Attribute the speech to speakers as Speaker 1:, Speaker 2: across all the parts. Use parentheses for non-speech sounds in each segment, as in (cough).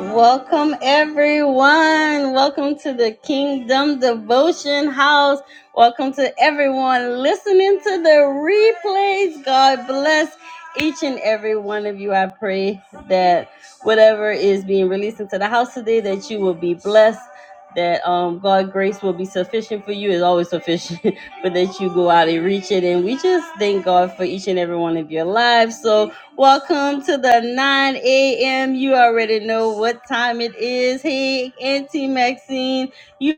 Speaker 1: Welcome, everyone. Welcome to the Kingdom Devotion House. Welcome to everyone listening to the replays. God bless each and every one of you. I pray that whatever is being released into the house today, that you will be blessed. That um, God grace will be sufficient for you It's always sufficient, (laughs) but that you go out and reach it. And we just thank God for each and every one of your lives. So Welcome to the 9 a.m. You already know what time it is. Hey, Auntie Maxine, you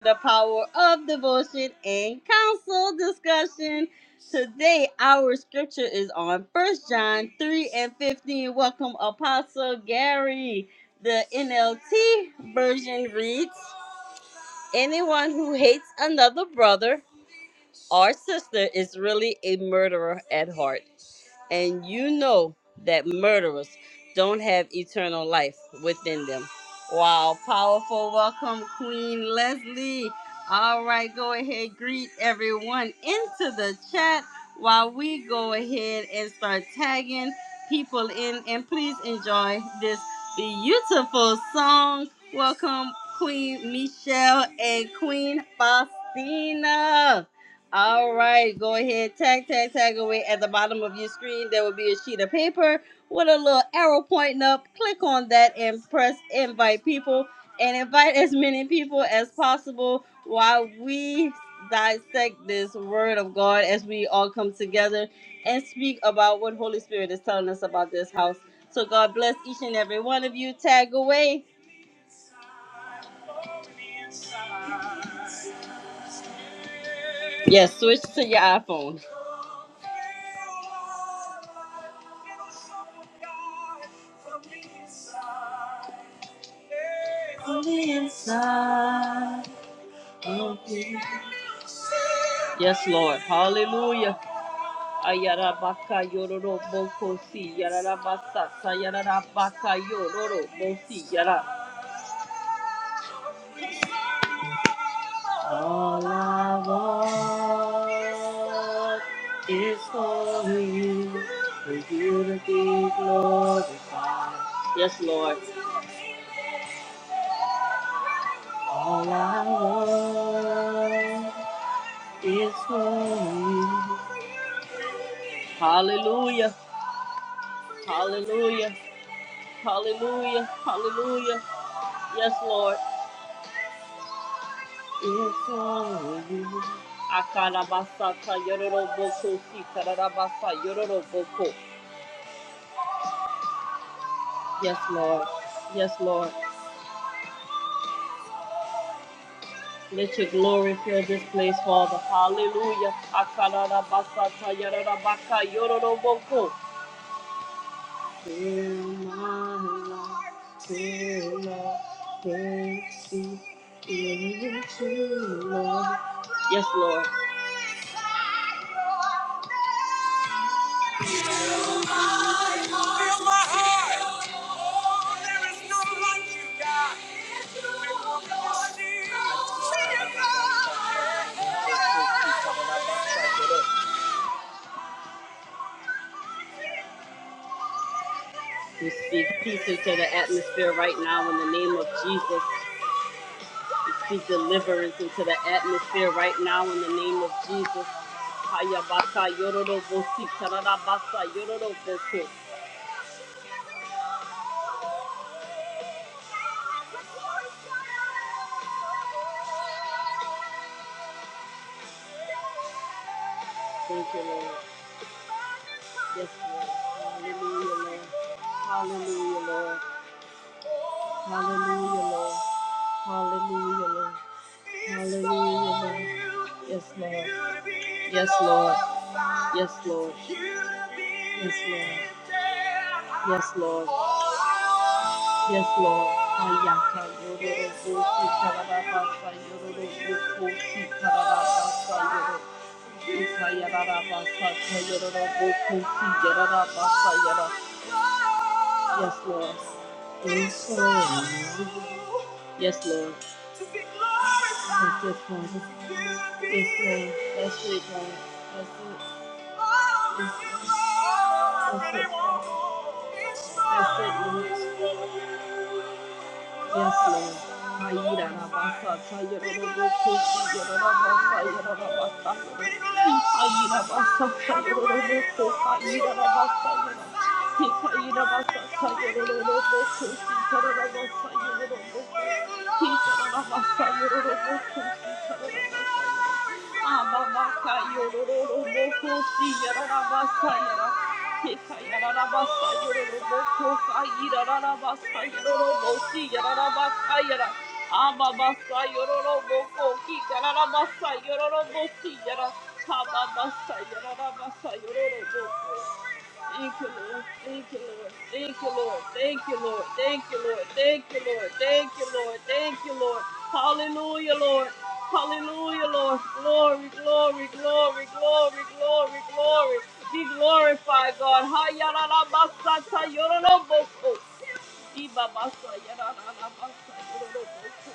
Speaker 1: the power of devotion and counsel discussion. Today, our scripture is on First John 3 and 15. Welcome, Apostle Gary. The NLT version reads Anyone who hates another brother or sister is really a murderer at heart and you know that murderers don't have eternal life within them. Wow, powerful welcome, Queen Leslie. All right, go ahead, greet everyone into the chat while we go ahead and start tagging people in. And please enjoy this beautiful song. Welcome, Queen Michelle and Queen Faustina. All right, go ahead, tag, tag, tag away. At the bottom of your screen, there will be a sheet of paper with a little arrow pointing up. Click on that and press invite people and invite as many people as possible while we dissect this word of God as we all come together and speak about what Holy Spirit is telling us about this house. So God bless each and every one of you. Tag away. Yeah, switch to your iPhone. From the inside of me. Yes, Lord. Hallelujah. Ayarabaka yororo boko si yararabasa sayarabaka yororo bosi yara. It's for you. It's the glory. Yes, Lord. All I want is for you. Hallelujah. Hallelujah. Hallelujah. Hallelujah. Yes, Lord. It's for you. Akarabasata yororoboko sikarabasa yororoboko. Yes, Lord. Yes, Lord. Let your glory fill this place, Father. Hallelujah. Akarabasata yororobaka yororoboko. Fill my life till I burst into love. Yes, Lord. Fill my heart. There is none like you, God. We walk in your We speak peace into the atmosphere right now in the name of Jesus. We speak deliverance into the atmosphere right now in the name of Jesus. Hayabasa yororo bosi, tararabasa yororo bosi. Thank you, Lord. Yes, Lord. Hallelujah, Lord. Hallelujah, Lord. Hallelujah, Lord. Hallelujah, Lord. Hallelujah, Lord. Yes, Lord. Yes, Lord. Yes, Lord. Yes, Lord. Yes, Lord. Yes, Lord. Ayaka yororo kosi karabasa yororo kosi karabasa yororo. Yes, Lord. Yes, Lord. Yes, yes, Father. Yes, Lord. That's it, Lord. That's it. That's it. That's it, Lord. That's it, Lord. Ayira na basa, ayira na boko, ayira na basa, ayira na basa. Ayira basa, ayira na boko, ayira na basa, ayira. basa, ayira na boko, hika na basa, ayira na boko. Hika na basa, ayira na boko, Abba, Basa Yororo Boko. Thank you, Lord. Thank you, Lord. Thank you, Lord. Thank you, Lord. Thank you, Lord. Thank you, Lord. Thank you, Lord. Thank you, Lord. Hallelujah, Lord. Hallelujah, Lord. Glory, glory, glory, glory, glory, glory. Be glorified, God. Hayarabasata yoroloboso. Ibabasa yararabasa yoroloboso.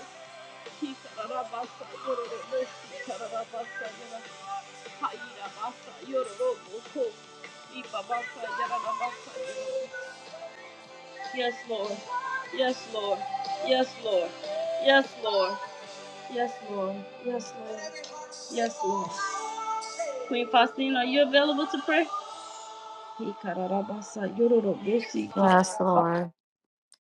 Speaker 1: Hikararabasa yoroloboso. Kitarabasa Yes, Lord. Yes, Lord. Yes, Lord. Yes, Lord. Yes, Lord. Yes, Lord. Yes, Lord. Queen Faustina, are you available to pray?
Speaker 2: Yes, Lord.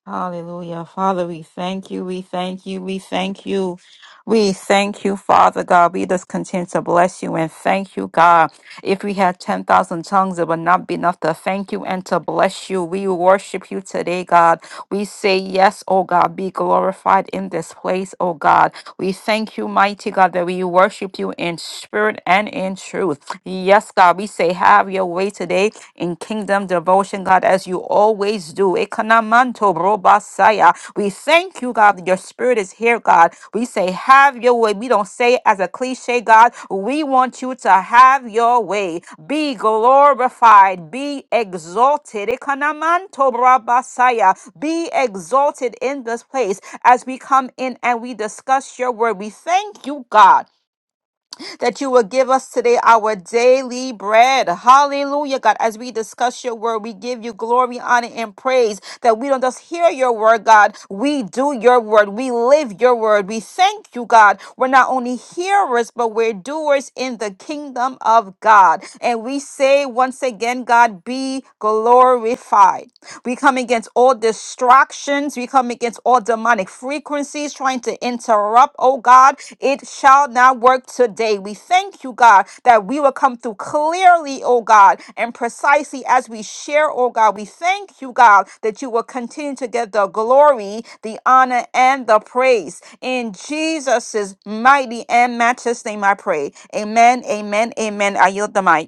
Speaker 2: Hallelujah. Father, we thank you. We thank you. We thank you. We thank you, Father God. We just continue to bless you and thank you, God. If we had 10,000 tongues, it would not be enough to thank you and to bless you. We worship you today, God. We say, Yes, oh God, be glorified in this place, oh God. We thank you, mighty God, that we worship you in spirit and in truth. Yes, God, we say, Have your way today in kingdom devotion, God, as you always do. Ekanamanto brobasaya. We thank you, God, that your spirit is is here, God. We say, have your way. We don't say it as a cliche, God. We want you to have your way. Be glorified. Be exalted. Ekanamanto brabasaya. Be exalted in this place as we come in and we discuss your word. We thank you, God that you will give us today our daily bread. Hallelujah, God. As we discuss your word, we give you glory, honor, and praise that we don't just hear your word, God. We do your word. We live your word. We thank you, God. We're not only hearers, but we're doers in the kingdom of God. And we say once again, God, be glorified. We come against all distractions. We come against all demonic frequencies trying to interrupt. Oh God, it shall not work today. We thank you, God, that we will come through clearly, oh God, and precisely as we share, oh God. We thank you, God, that you will continue to get the glory, the honor, and the praise. In Jesus' mighty and matchless name, I pray. Amen, amen, amen. I yield the mic.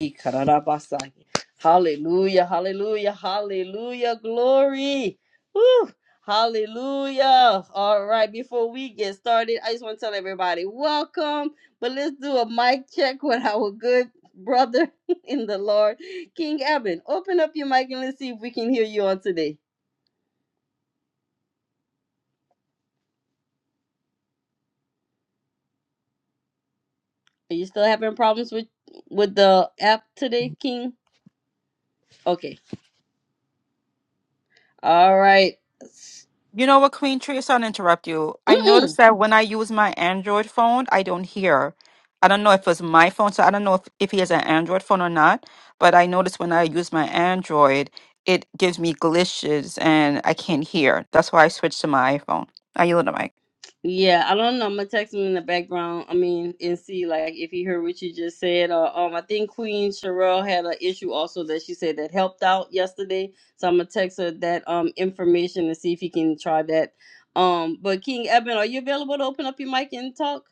Speaker 1: Ikarabasai. Hallelujah, hallelujah, hallelujah, glory. Woo, hallelujah. All right, before we get started, I just want to tell everybody welcome, but let's do a mic check with our good brother (laughs) in the Lord, King Evan. Open up your mic and let's see if we can hear you on today. Are you still having problems with with the app today, King? Okay. All right.
Speaker 2: You know what, Queen Tree, sorry to interrupt you. I
Speaker 1: Mm-mm.
Speaker 2: noticed that when I use my Android phone, I don't hear. I don't know if it's my phone, so I don't know if, if he has an Android phone or not, but I noticed when I use my Android, it gives me glitches and I can't hear. That's why I switched to my iPhone. Are you on the mic?
Speaker 1: Yeah, I don't know. I'm gonna text him in the background. I mean, and see like if he heard what you just said. Or um, I think Queen Sherelle had an issue also that she said that helped out yesterday. So I'm gonna text her that um information and see if he can try that. Um, but King Eben, are you available to open up your mic and talk?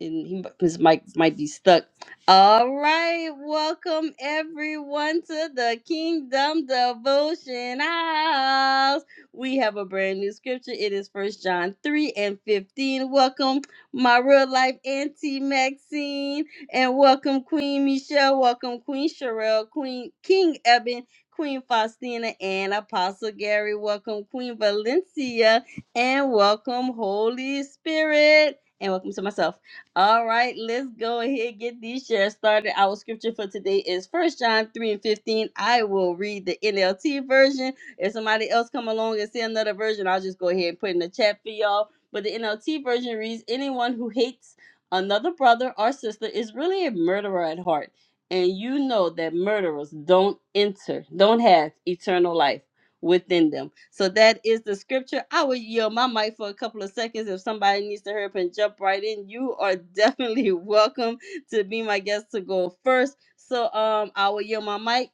Speaker 1: and he his Mike, might be stuck. All right, welcome everyone to the Kingdom Devotion House. We have a brand new scripture. It is First John three and fifteen. Welcome, my real life auntie Maxine, and welcome Queen Michelle. Welcome Queen Sherelle, Queen King Eben. Queen Faustina and Apostle Gary, welcome Queen Valencia, and welcome Holy Spirit, and welcome to myself. All right, let's go ahead and get these shares started. Our scripture for today is First John 3 and 15. I will read the NLT version. If somebody else come along and say another version, I'll just go ahead and put in the chat for y'all. But the NLT version reads, anyone who hates another brother or sister is really a murderer at heart. And you know that murderers don't enter, don't have eternal life within them. So that is the scripture. I will yield my mic for a couple of seconds. If somebody needs to hurry up and jump right in, you are definitely (laughs) welcome to be my guest to go first. So um I will yield my mic.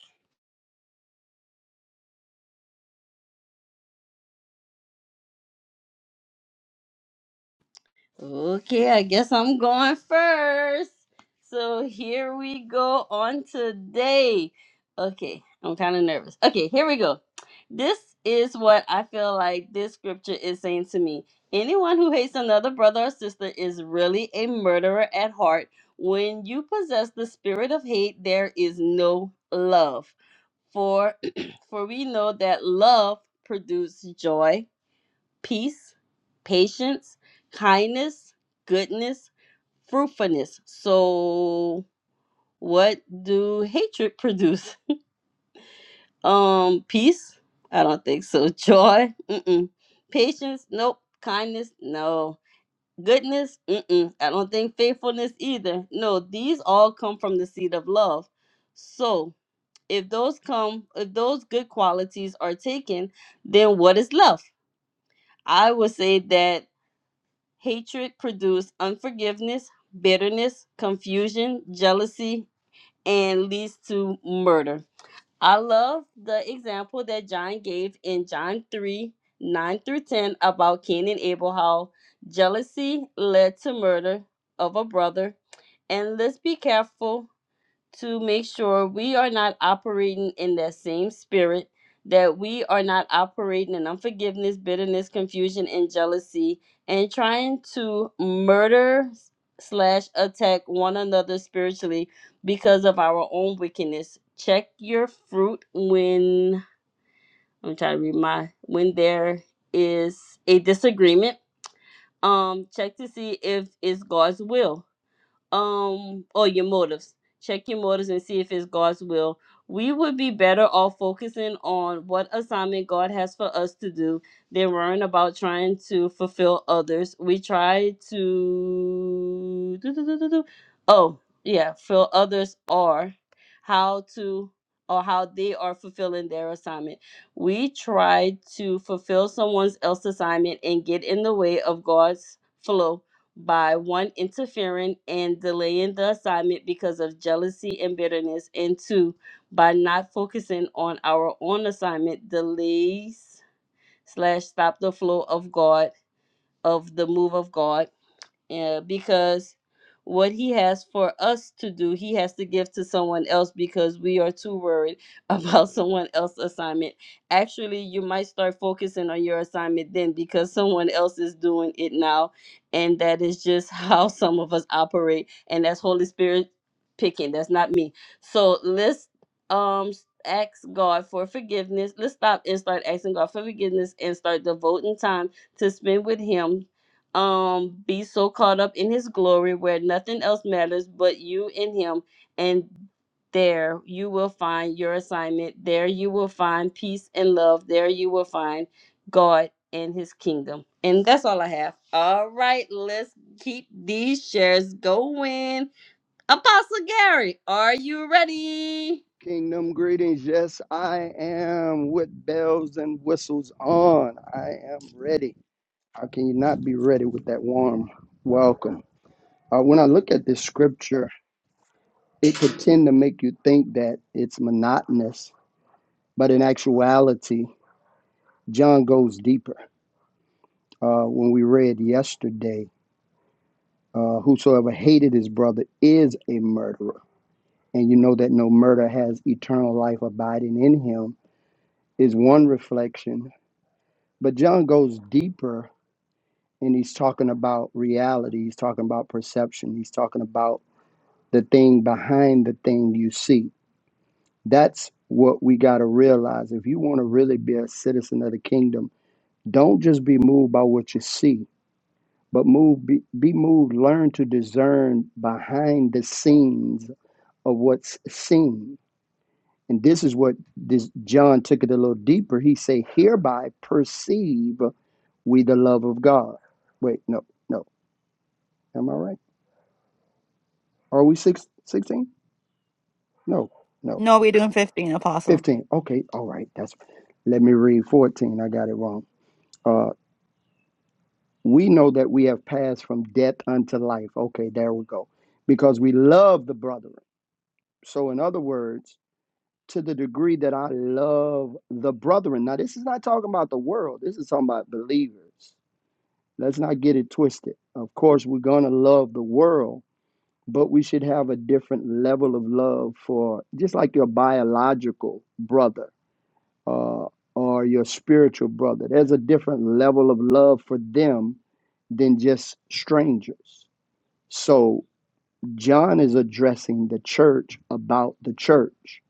Speaker 1: Okay, I guess I'm going first. So here we go on today. Okay, I'm kind of nervous. Okay, here we go. This is what I feel like this scripture is saying to me. Anyone who hates another brother or sister is really a murderer at heart. When you possess the spirit of hate, there is no love. For (clears throat) for we know that love produces joy peace, patience, kindness, goodness, fruitfulness. So what do hatred (laughs) produce? Um peace? I don't think so. (laughs) Joy? Mm-mm. Patience? Nope. Kindness? No. Goodness? Mm-mm. I don't think faithfulness either. No, these all come from the seed of love. So if those come if those good qualities are taken, then what is left? I would say that Hatred produces unforgiveness, bitterness, confusion, jealousy, and leads to murder. I love the example that John gave in John 3 9 through 10 about Cain and Abel, how jealousy led to murder of a brother. And let's be careful to make sure we are not operating in that same spirit, that we are not operating in unforgiveness, bitterness, confusion, and jealousy, and trying to murder slash attack one another spiritually because of our own wickedness. Check your fruit when I'm trying to read my when there is a disagreement. Um, check to see if it's God's will um or your motives check your motives and see if it's god's will we would be better off focusing on what assignment god has for us to do than worrying about trying to fulfill others we try to do do do do do. oh yeah fill others are how to or how they are fulfilling their assignment we try to fulfill someone else's assignment and get in the way of god's flow by one interfering and delaying the assignment because of jealousy and bitterness, and two by not focusing on our own assignment, delays slash stop the flow of God of the move of God yeah, because what he has for us to do, he has to give to someone else because we are too worried about (laughs) someone else's assignment. Actually, you might start focusing on your assignment then because someone else is doing it now. And that is just how (laughs) some of us operate. And that's Holy Spirit picking. That's not me. So let's um ask God for forgiveness. Let's stop and start asking God for forgiveness and start devoting time to spend with him um be so caught up in his glory where nothing else matters but you and him and there you will find your assignment there you will find peace and love there you will find god and his kingdom and that's all i have all right let's keep these shares going apostle gary are you ready
Speaker 3: Kingdom greetings. Yes, I am with bells and whistles on. I am ready. How can you not be ready with that warm welcome? Uh, when I look at this scripture, it could tend to make you think that it's monotonous, but in actuality, John goes deeper. Uh, when we read yesterday, uh, whosoever hated his brother is a murderer. And you know that no murder has eternal life abiding in him, is one reflection But John goes deeper and he's talking about reality. He's talking about perception. He's talking about the thing behind the thing you see. That's what we got to realize. If you want to really be a citizen of the kingdom, don't just be moved by what you see, but move be, be moved, learn to discern behind the scenes of what's seen And this is what this John took it a little deeper. He say, hereby perceive we the love of God. Wait, no, no. Am I right? Are we six, sixteen? No, no.
Speaker 2: No, we're doing 15, Apostle.
Speaker 3: 15. Okay, all right. That's let me read 14. I got it wrong. Uh we know that we have passed from death unto life. Okay, there we go. Because we love the brethren. So in other words, to the degree that I love the brethren. Now, this is not talking about the world. This is talking about believers Let's not get it twisted. Of course, we're going to love the world, but we should have a different level of love for just like your biological brother uh, or your spiritual brother. There's a different level of love for them than just strangers. So, John is addressing the church about the church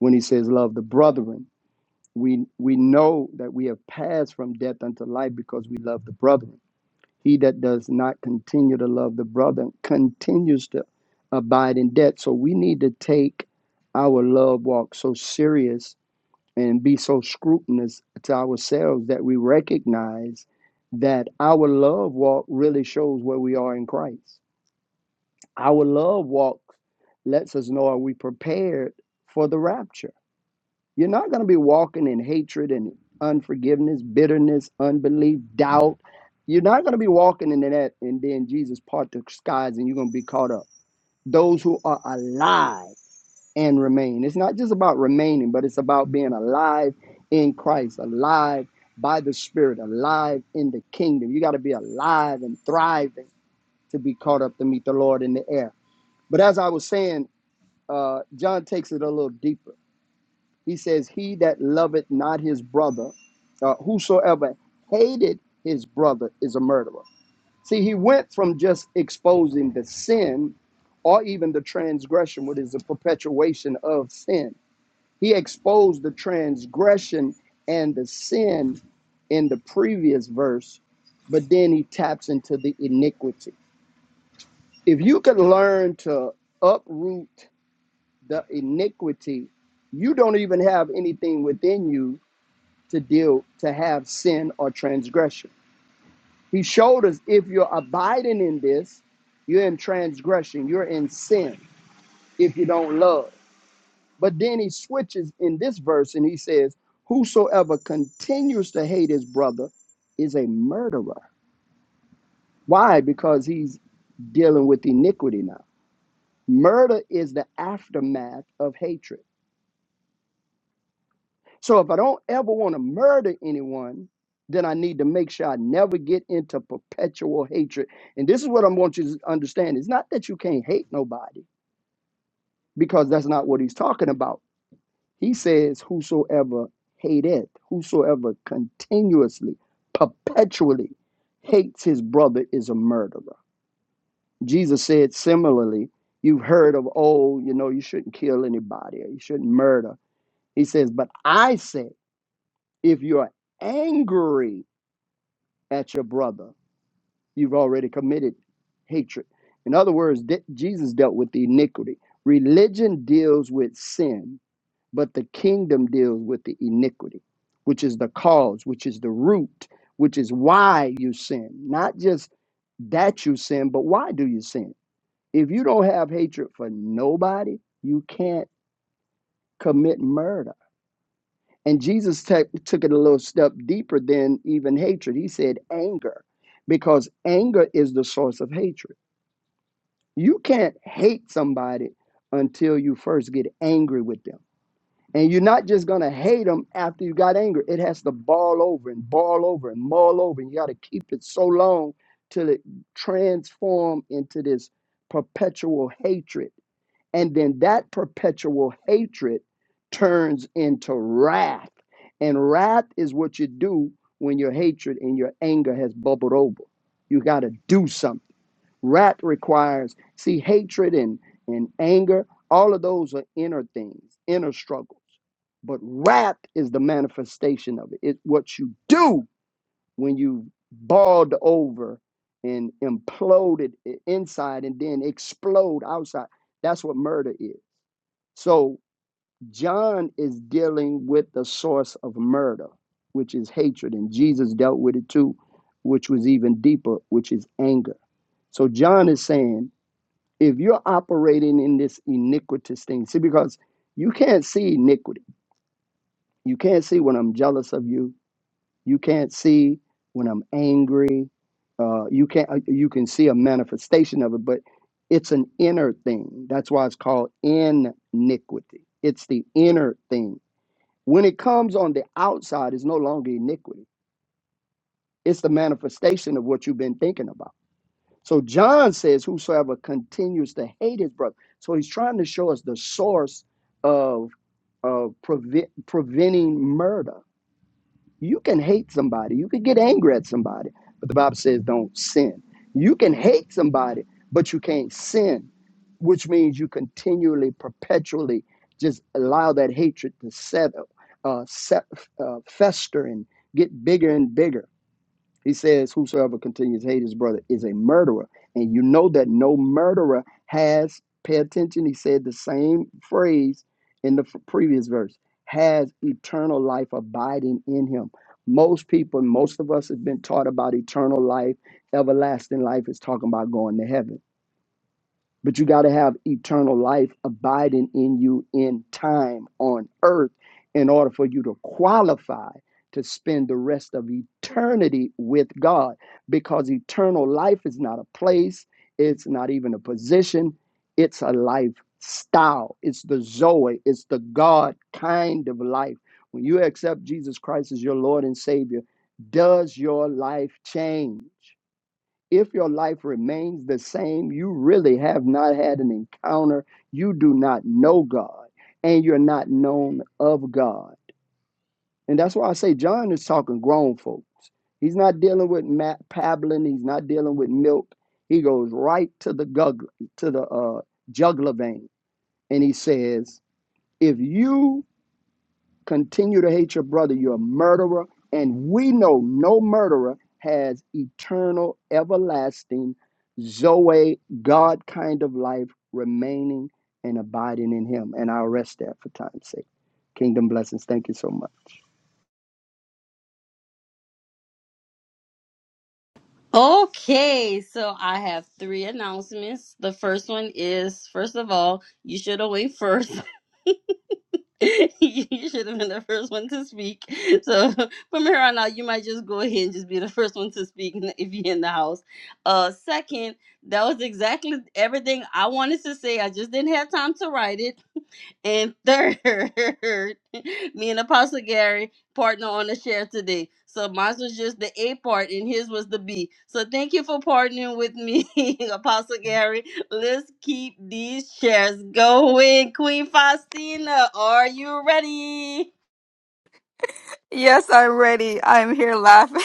Speaker 3: when he says, Love the brethren. We, we know that we have passed from death unto life because we love the brethren he that does not continue to love the brother continues to abide in debt. So we need to take our love walk so serious and be so scrutinous to ourselves that we recognize that our love walk really shows where we are in Christ. Our love walk lets us know are we prepared for the rapture? You're not going to be walking in hatred and unforgiveness, bitterness, unbelief, doubt. You're not going to be walking into that and then Jesus part the skies and you're going to be caught up. Those who are alive and remain. It's not just about remaining, but it's about being alive in Christ, alive by the Spirit, alive in the kingdom. You got to be alive and thriving to be caught up to meet the Lord in the air. But as I was saying, uh, John takes it a little deeper he says, He that loveth not his brother, uh, whosoever hated his brother is a murderer. See, he went from just exposing the sin or even the transgression, what is the perpetuation of sin. He exposed the transgression and the sin in the previous verse, but then he taps into the iniquity. If you could learn to uproot the iniquity, you don't even have anything within you to deal to have sin or transgression. He showed us if you're abiding in this, you're in transgression, you're in sin if you don't love. But then he switches in this verse and he says, Whosoever continues to hate his brother is a murderer. Why? Because he's dealing with iniquity now. Murder is the aftermath of hatred. So if I don't ever want to murder anyone, then I need to make sure I never get into perpetual hatred. And this is what I want you to understand. It's not that you can't hate nobody, because that's not what he's talking about. He says, Whosoever hateth, whosoever continuously, perpetually hates his brother is a murderer. Jesus said similarly, You've heard of old, you know, you shouldn't kill anybody or you shouldn't murder. He says, But I say, if you're angry at your brother. You've already committed hatred. In other words, de- Jesus dealt with the iniquity. Religion deals with sin, but the kingdom deals with the iniquity, which is the cause, which is the root, which is why you sin. Not just that you sin, but why do you sin? If you don't have hatred for nobody, you can't commit murder and Jesus ta- took it a little step deeper than even hatred. He said anger, because anger is the source of hatred. You can't hate somebody until you first get angry with them. And you're not just going to hate them after you got angry. It has to ball over and ball over and maul over. And you got to keep it so long till it transform into this perpetual hatred and then that perpetual hatred turns into wrath. And wrath is what you do when your hatred and your anger has bubbled over. You got to do something. Wrath requires, see, hatred and, and anger, all of those are inner things, inner struggles. But wrath is the manifestation of it. It's what you do when you balled over and imploded i- inside and then explode outside. That's what murder is. So John is dealing with the source of murder, which is hatred, and Jesus dealt with it too, which was even deeper, which is anger. So John is saying, if you're operating in this iniquitous thing, see, because you can't see iniquity. You can't see when I'm jealous of you. You can't see when I'm angry. Uh, you can't. uh, You can see a manifestation of it, but it's an inner thing. That's why it's called iniquity. It's the inner thing when it comes on the outside, it's no longer iniquity. It's the manifestation of what you've been thinking about. So John says, Whosoever continues to hate his brother. So he's trying to show us the source of, of preve- preventing murder you can hate somebody, you can get angry at somebody, but the Bible says don't sin. You can hate somebody, but you can't sin, which means you continually, perpetually just allow that hatred to settle, uh, set, uh, fester and get bigger and bigger he says, Whosoever continues to hate his brother is a murderer. And you know that no murderer has, pay attention, he said the same phrase in the f- previous verse, has eternal life abiding in him. Most people, most of us have been taught about eternal life, everlasting life is talking about going to heaven but you got to have eternal life abiding in you in time on earth in order for you to qualify to spend the rest of eternity with God because eternal life is not a place, it's not even a position, it's a lifestyle. It's the Zoe, it's the God kind of life. When you accept Jesus Christ as your Lord and Savior, does your life change? if your life remains the same, you really have not had an encounter. You do not know God, and you're not known of God. And that's why I say John is talking grown folks. He's not dealing with Matt Pablin. He's not dealing with milk. He goes right to the gug, to the uh, jugular vein, and he says, "If you continue to hate your brother, you're a murderer. And we know no murderer has eternal, everlasting, Zoe, God kind of life remaining and abiding in him. And I'll rest there for time's sake. Kingdom blessings. Thank you so much.
Speaker 1: okay so i have three announcements the first one is first of all you should have went first (laughs) (laughs) you should have been the first one to speak. So (laughs) from here on out, you might just go ahead and just be the first one to speak in- if you're in the house. Uh, second, that was exactly everything I wanted to say. I just didn't have time to write it. And third, (laughs) me and Apostle Gary partner on the share today. So mine was just the A part and his was the B. So thank you for partnering with me, (laughs) Apostle Gary. Let's keep these shares going. Queen Faustina, are you ready?
Speaker 2: Yes, I'm ready. I'm here laughing.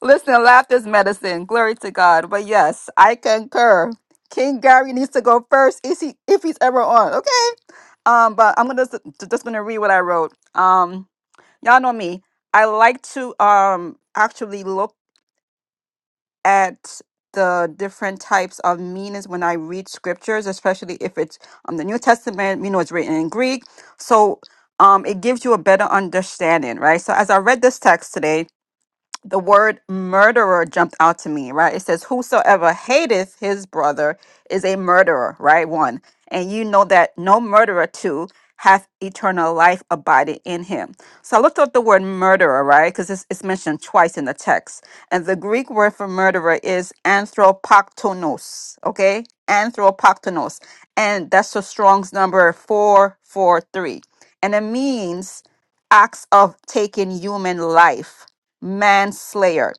Speaker 2: Listen, laughter is medicine. Glory to God. But yes, I concur. King Gary needs to go first if, he, if he's ever on. Okay. Um, but I'm gonna just, just gonna read what I wrote. Um, y'all know me. I like to um actually look at the different types of meanings when I read scriptures, especially if it's um the New Testament. You know, it's written in Greek, so um it gives you a better understanding, right? So as I read this text today, the word murderer jumped out to me, right? It says, Whosoever hateth his brother is a murderer, right? One. And you know that no murderer, two, hath eternal life abiding in him. So I looked up the word murderer, right? Because it's, it's mentioned twice in the text. And the Greek word for murderer is anthropoktonos, okay? Anthropoktonos. And that's the Strong's number 443. And it means acts of taking human life manslayer.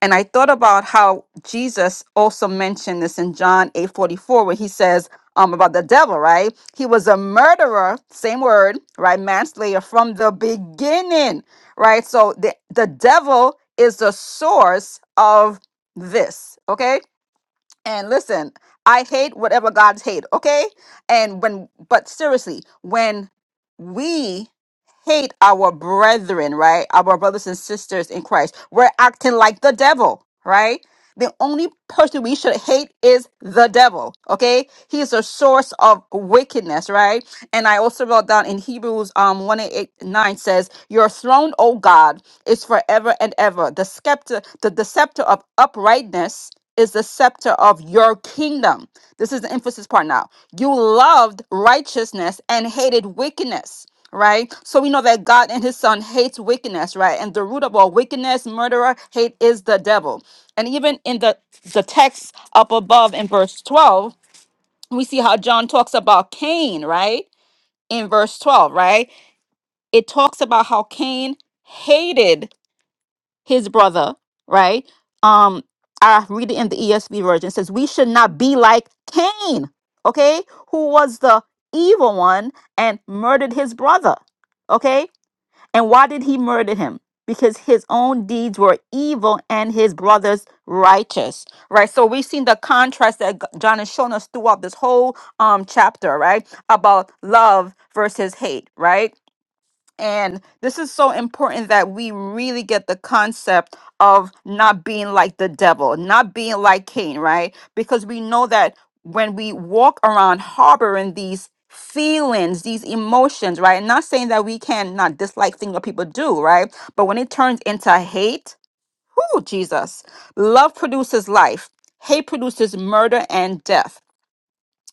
Speaker 2: And I thought about how Jesus also mentioned this in John 8 44, where he says um, about the devil, right? He was a murderer, same word, right? Manslayer from the beginning, right? So the, the devil is the source of this, okay? and listen, I hate whatever God's hate, okay? And when, but seriously, when we hate our brethren, right? Our brothers and sisters in Christ, we're acting like the devil, right? The only person we should hate is the devil. Okay, he is a source of wickedness, right? And I also wrote down in Hebrews um one eight nine says, "Your throne, O God, is forever and ever. The scepter, the, the scepter of uprightness." Is the scepter of your kingdom. This is the emphasis part now. You loved righteousness and hated wickedness right? So we know that God and his son hates wickedness, right? And the root of all wickedness, murderer, hate is the devil. And even in the, the text up above in verse 12, we see how John talks about Cain, right? In verse 12, right? It talks about how Cain hated his brother, right? Um, I read it in the ESV version. It says, We should not be like Cain, okay? Who was the evil one and murdered his brother. Okay, and why did he murder him? Because his own deeds were evil and his brothers righteous, right? So we've seen the contrast that G- John has shown us throughout this whole um, chapter, right? About love versus hate, right? And this is so important that we really get the concept of not being like the devil, not being like Cain, right? Because we know that when we walk around harboring these feelings, these emotions, right? Not saying that we can not dislike things that people do, right? But when it turns into hate, whoo, Jesus. Love produces life, hate produces murder and death.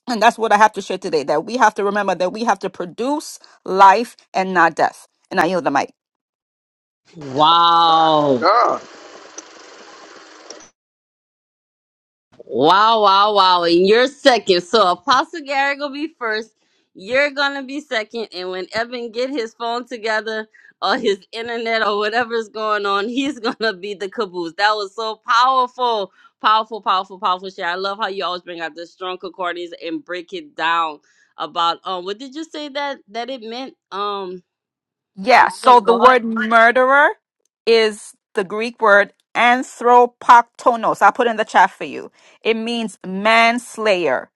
Speaker 2: And that's what I have to share today that we have to remember that we have to produce life and not death. And I yield the mic.
Speaker 1: Wow. Wow, wow, wow. And you're second. So Apostle Gary gonna be first. You're gonna be second. And when Evan get his phone together or his internet or whatever's going on, he's (laughs) gonna be the caboose. That was so powerful. Powerful, powerful, powerful share. I love how you always bring out the strong concordance and break it down about um what did you say that that it meant? Um
Speaker 2: Yeah,
Speaker 1: not
Speaker 2: so
Speaker 1: of
Speaker 2: the
Speaker 1: God.
Speaker 2: word murderer is the Greek word anthropoktonos. I put in the chat for you. It means manslayer,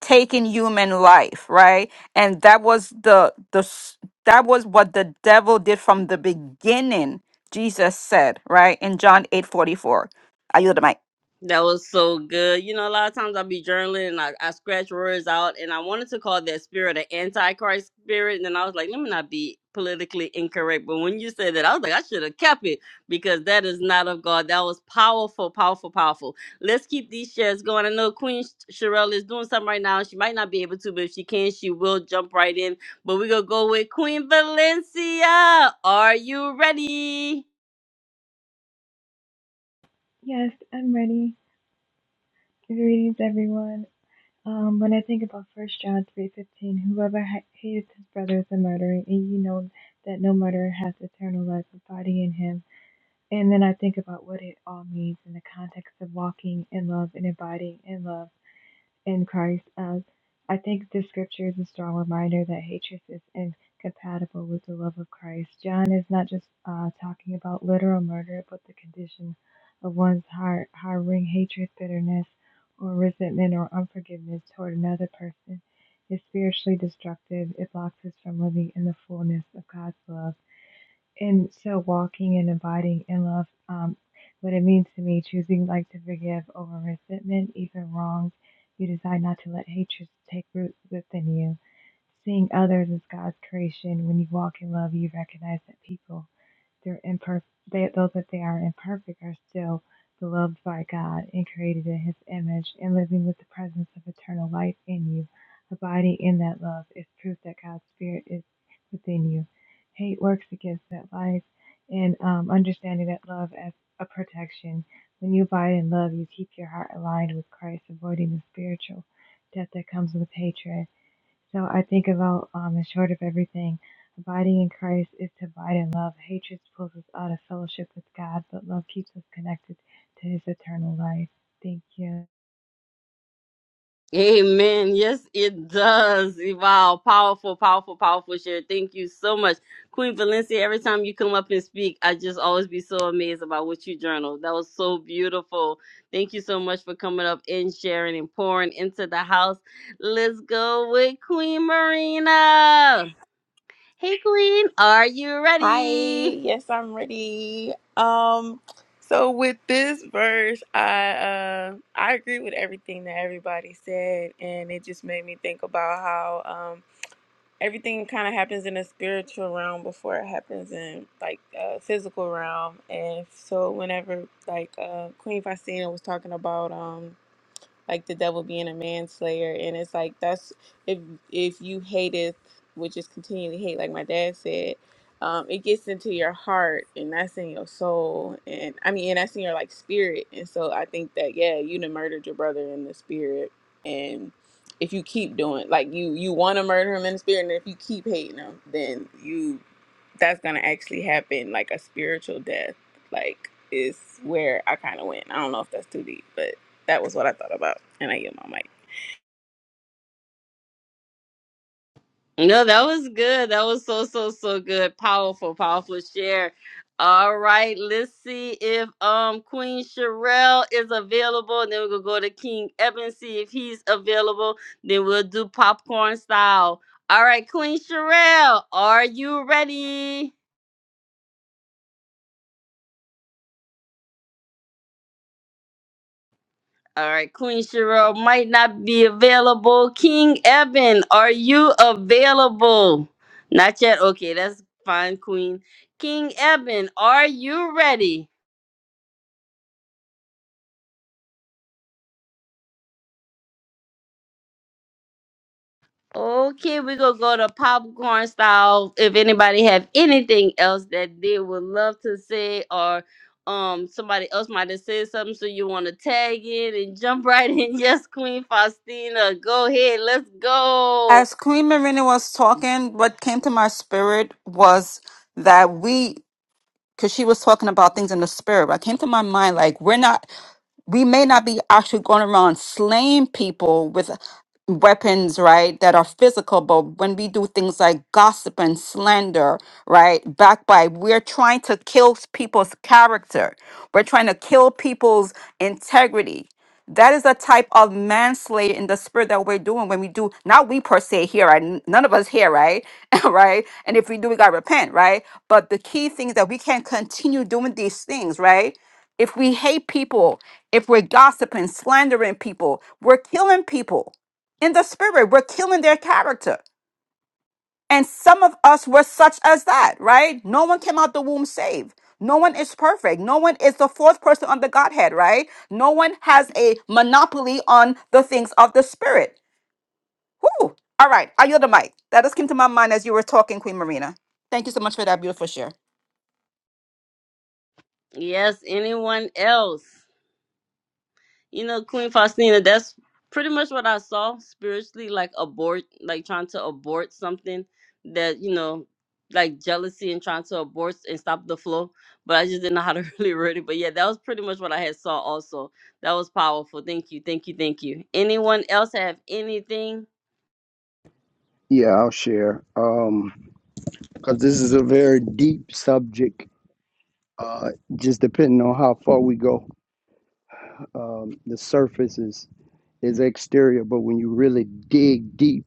Speaker 2: taking human life, right? And that was the the s- that was what the devil did from the beginning. Jesus said, right in John eight forty four. I yield the mic.
Speaker 1: That was so good. You know, a lot of times I'll be journaling and I, I scratch words out, and I wanted to call that spirit an antichrist spirit. And then I was like, let me not be politically incorrect. But when you said that, I was like, I should have kept it because that is not of God. That was powerful, powerful, powerful. Let's keep these shares going. I know Queen Sh- Sherelle is doing something right now. She might not be able to, but if she can, she will jump right in. But we're going to go with Queen Valencia. Are you ready?
Speaker 4: Yes, I'm ready. Greetings, everyone. Um, when I think about First John three fifteen, whoever ha- hateth his brother is a murderer, and you know that no murderer has eternal life abiding in him. And then I think about what it all means in the context of walking in love and abiding in love in Christ as I think this scripture is a strong reminder that hatred is incompatible with the love of Christ. John is not just uh, talking about literal murder, but the condition of one's heart, harboring hatred, bitterness, or resentment or unforgiveness toward another person is spiritually destructive. It blocks us from living in the fullness of God's love and so walking and abiding in love, um, what it means to me, choosing like to forgive over resentment, even wrongs. You decide not to let hatred take root within you. Seeing others as God's creation, when you walk in love, you recognize that people they're imperfect. They, those that they are imperfect are still beloved by God and created in His image, and living with the presence of eternal life in you. Abiding in that love is proof that God's Spirit is within you. Hate works against that life, and um, understanding that love as a protection. When you abide in love, you keep your heart aligned with Christ, avoiding the spiritual death that comes with hatred so I think about um, in short of everything, abiding in Christ is to abide in love. Hatred pulls us out of fellowship with God, but love keeps us connected to His eternal life. Thank you.
Speaker 1: Amen. Yes, it does. Wow. Powerful, powerful, powerful share. Thank you so much. Queen Valencia, every time you come up and speak, I just always be so amazed about what you journal. That was so beautiful. Thank you so much for coming up and sharing and pouring into the house. Let's go with Queen Marina. Hey, Queen, are you
Speaker 5: Hi,
Speaker 1: ready?
Speaker 5: yes, I'm ready. Um, so with this verse, I uh, I agree with everything that everybody said, and it just made me think about how um, everything kind of happens in the spiritual realm before it happens in like uh, physical realm, and so whenever like uh, Queen Faustina was talking about um, like the devil being a manslayer and it's like that's if if you hateth which is continue to hate like my dad said um it gets into your heart and that's in your soul and i mean and that's in your like spirit and so i think that yeah you done murdered your brother in the spirit and if you keep doing like you you want to murder him in the spirit and if you keep hating him then you that's gonna actually happen like a spiritual death like is where i kind of went i don't know if that's too deep but that was what I thought about, and I yield my mic.
Speaker 1: No, that was good. That was so so so good. Powerful, powerful share. All right, let's see if um Queen Sherelle is available. And then we're gonna go to King Evan, see if he's available. Then we'll do popcorn style. All right, Queen Sherelle, are you ready? All right, Queen Sherelle might not be available. King Evan, are you available? Not yet. Okay, that's fine, Queen. King Eben, are you ready? Okay, we're gonna go to popcorn style. If anybody have anything else that they would love to say, or um somebody else might have said something, so you want to tag in and jump right in. (laughs) Yes, Queen Faustina, go ahead, let's go.
Speaker 2: As Queen Marina was talking, what came to my spirit was that we, because she was talking about things in the spirit, what came to my mind, like, we're not. we may not be actually going around slaying people with weapons, right, that are physical, but when we do things like gossip and slander, right, backbite, we're trying to kill people's character. We're trying to kill people's integrity. That is a type of manslaughter in the spirit that we're doing when we do, not we per se here, right? N- None of us here, right? (laughs) right? And if we do, we got to repent, right? But the key thing is that we can't continue doing these things, right? If we hate people, if we're gossiping, slandering people, we're killing people in the spirit. We're killing their character. And some of us were such as that, right? No one came out the womb saved. No one is perfect. No one is the fourth person on the Godhead, right? No one has a monopoly on the things of the Spirit. Whoo! All right, I yield the mic. That just came to my mind as you were talking, Queen Marina. Thank you so much for that beautiful share.
Speaker 1: Yes, anyone else? You know, Queen Faustina, that's pretty much what I saw spiritually, like abort, like trying to abort something that, you know, like jealousy and trying to abort and stop the flow. But I just didn't know how to (laughs) really word it. But yeah, that was pretty much what I had saw also. That was powerful. Thank you. Thank you. Thank you. Anyone else have anything?
Speaker 3: Yeah, I'll share. Um, because this is a very deep subject. Uh, just depending on how far we go, um, the surface is is exterior, but when you really dig deep,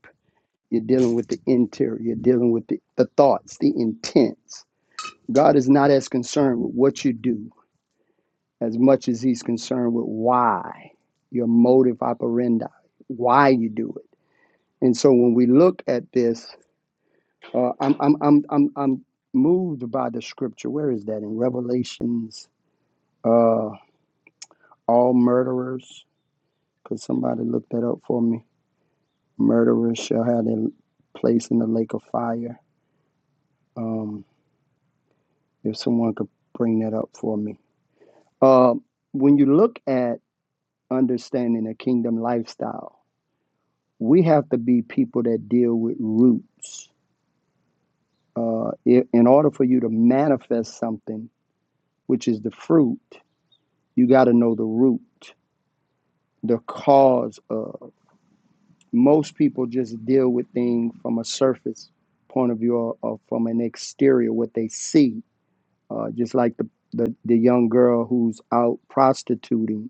Speaker 3: You're dealing with the interior. You're dealing with the, the thoughts, the intents. God is not as concerned with what you do as much as He's concerned with why, your motive operandi, why you do it. And so when we look at this, uh, I'm, I'm, I'm, I'm, I'm moved by the scripture. Where is that in Revelations? Uh, all murderers. Could somebody look that up for me? Murderers shall have their place in the lake of fire. Um, If someone could bring that up for me. Um, when you look at understanding a kingdom lifestyle, we have to be people that deal with roots. Uh, in order for you to manifest something, which is the fruit, you got to know the root, the cause of. Most people just deal with things from a surface point of view or, or from an exterior, what they see. Uh, just like the, the, the young girl who's out prostituting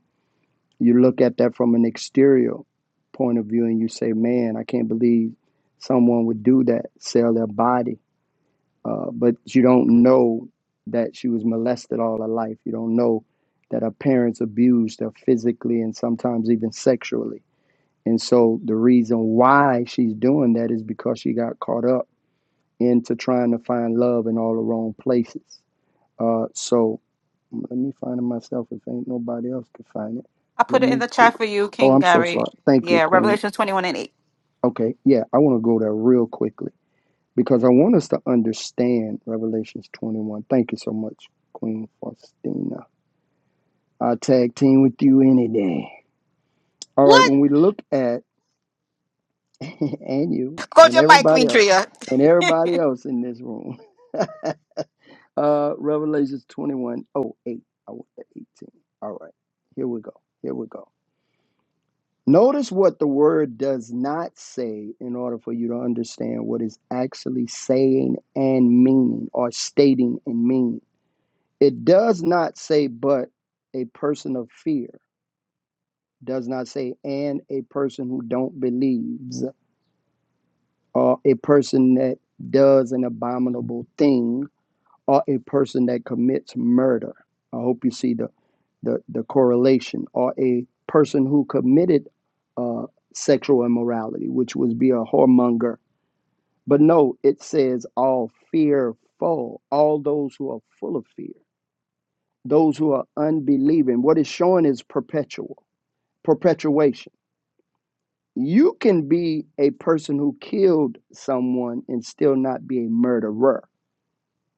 Speaker 3: You look at that from an exterior point of view and you say, man, I can't believe someone would do that, sell their body. Uh, but you don't know that she was molested all her life. You don't know that her parents abused her physically and sometimes even sexually. And so the reason why she's doing that is because she got caught up into trying to find love in all the wrong places. Uh, so let me find it myself if ain't nobody else can find it.
Speaker 2: I
Speaker 3: Let
Speaker 2: put it in the
Speaker 3: me
Speaker 2: chat
Speaker 3: Google.
Speaker 2: for you,
Speaker 3: Oh,
Speaker 2: King
Speaker 3: I'm so
Speaker 2: Gary.
Speaker 3: sorry. Thank you,
Speaker 2: Yeah,
Speaker 3: Queen.
Speaker 2: Revelation 21 and 8.
Speaker 3: Okay, yeah, I want to go there real quickly because I want us to understand Revelations 21. Thank you so much, Queen Faustina. I tag team with you any day. All right, when we look at (laughs) and you
Speaker 2: (laughs) Go
Speaker 3: and
Speaker 2: your mic,
Speaker 3: everybody
Speaker 2: Queen
Speaker 3: else
Speaker 2: Tria.
Speaker 3: and everybody else in this room, (laughs) uh, Revelations 21:08. I want the 18. All right, here we go. Here we go. Notice what the word does not say in order for you to understand what it's actually saying and meaning or stating and meaning. It does not say but a person of fear, does not say and a person who don't believes or a person that does an abominable thing or a person that commits murder. I hope you see the the, the correlation, or a person who committed uh, sexual immorality, which would be a whoremonger. But no, it says all fearful, all those who are full of fear, those who are unbelieving. What it's showing is perpetual, perpetuation. You can be a person who killed someone and still not be a murderer.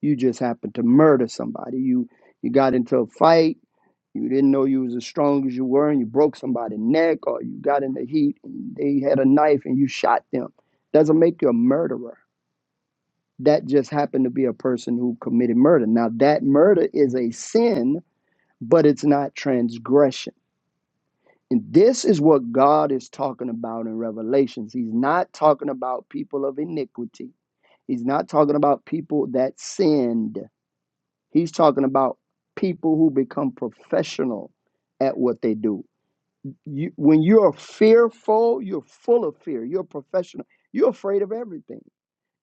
Speaker 3: You just happen to murder somebody. You you got into a fight You didn't know you was as strong as you were, and you broke somebody's neck, or you got in the heat and they had a knife and you shot them. Doesn't make you a murderer. That just happened to be a person who committed murder. Now that murder is a sin, but it's not transgression. And this is what God is talking about in Revelations. He's not talking about people of iniquity. He's not talking about people that sinned. He's talking about people who become professional at what they do you when you're fearful you're full of fear you're professional you're afraid of everything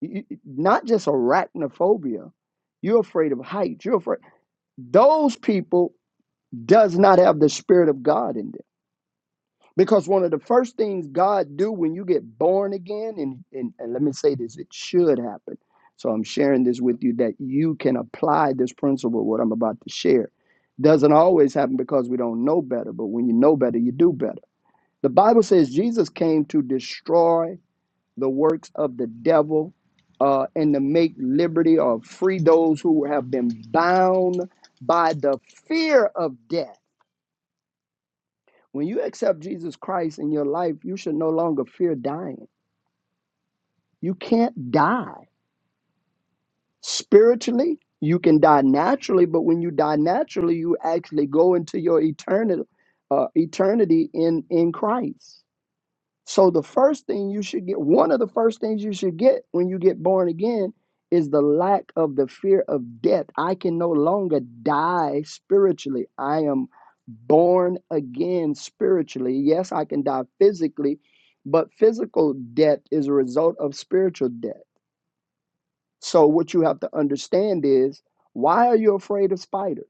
Speaker 3: You- you- not just arachnophobia you're afraid of heights you're afraid those people does not have the spirit of god in them because one of the first things god do when you get born again and, and, and let me say this it should happen so i'm sharing this with you that you can apply this principle what i'm about to share doesn't always happen because we don't know better but when you know better you do better the Bible says Jesus came to destroy the works of the devil uh, and to make liberty or free those who have been bound by the fear of death. When you accept Jesus Christ in your life, you should no longer fear dying. You can't die spiritually. You can die naturally, but when you die naturally, you actually go into your eternity, uh, eternity in in Christ. So the first thing you should get, one of the first things you should get when you get born again is the lack of the fear of death. I can no longer die spiritually. I am born again spiritually. Yes, I can die physically, but physical death is a result of spiritual death. So what you have to understand is why are you afraid of spiders?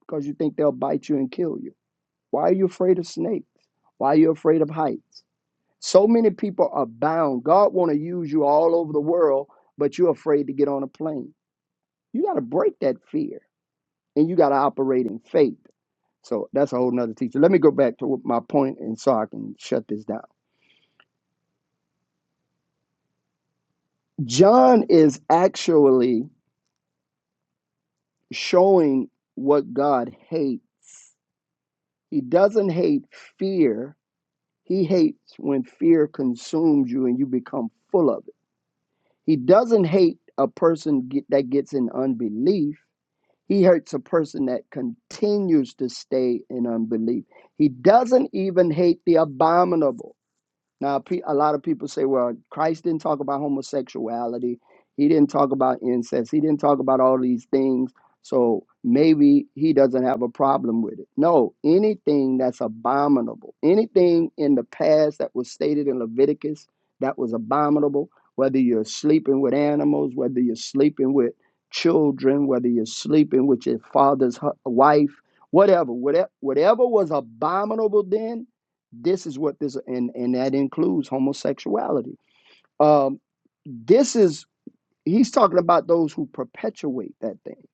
Speaker 3: Because you think they'll bite you and kill you. Why are you afraid of snakes? Why are you afraid of heights? So many people are bound. God want to use you all over the world, but you're afraid to get on a plane. You got to break that fear and you got to operate in faith. So that's a whole nother teacher. Let me go back to what my point and so I can shut this down. John is actually showing what God hates. He doesn't hate fear. He hates when fear consumes you and you become full of it. He doesn't hate a person get, that gets in unbelief He hurts a person that continues to stay in unbelief. He doesn't even hate the abominable. Now, a lot of people say, well, Christ didn't talk about homosexuality. He didn't talk about incest. He didn't talk about all these things. So maybe he doesn't have a problem with it. No, anything that's abominable, anything in the past that was stated in Leviticus that was abominable, whether you're sleeping with animals, whether you're sleeping with children, whether you're sleeping with your father's hu- wife, whatever, whatever, whatever was abominable then this is what this and and that includes homosexuality. Um, this is he's talking about those who perpetuate that thing.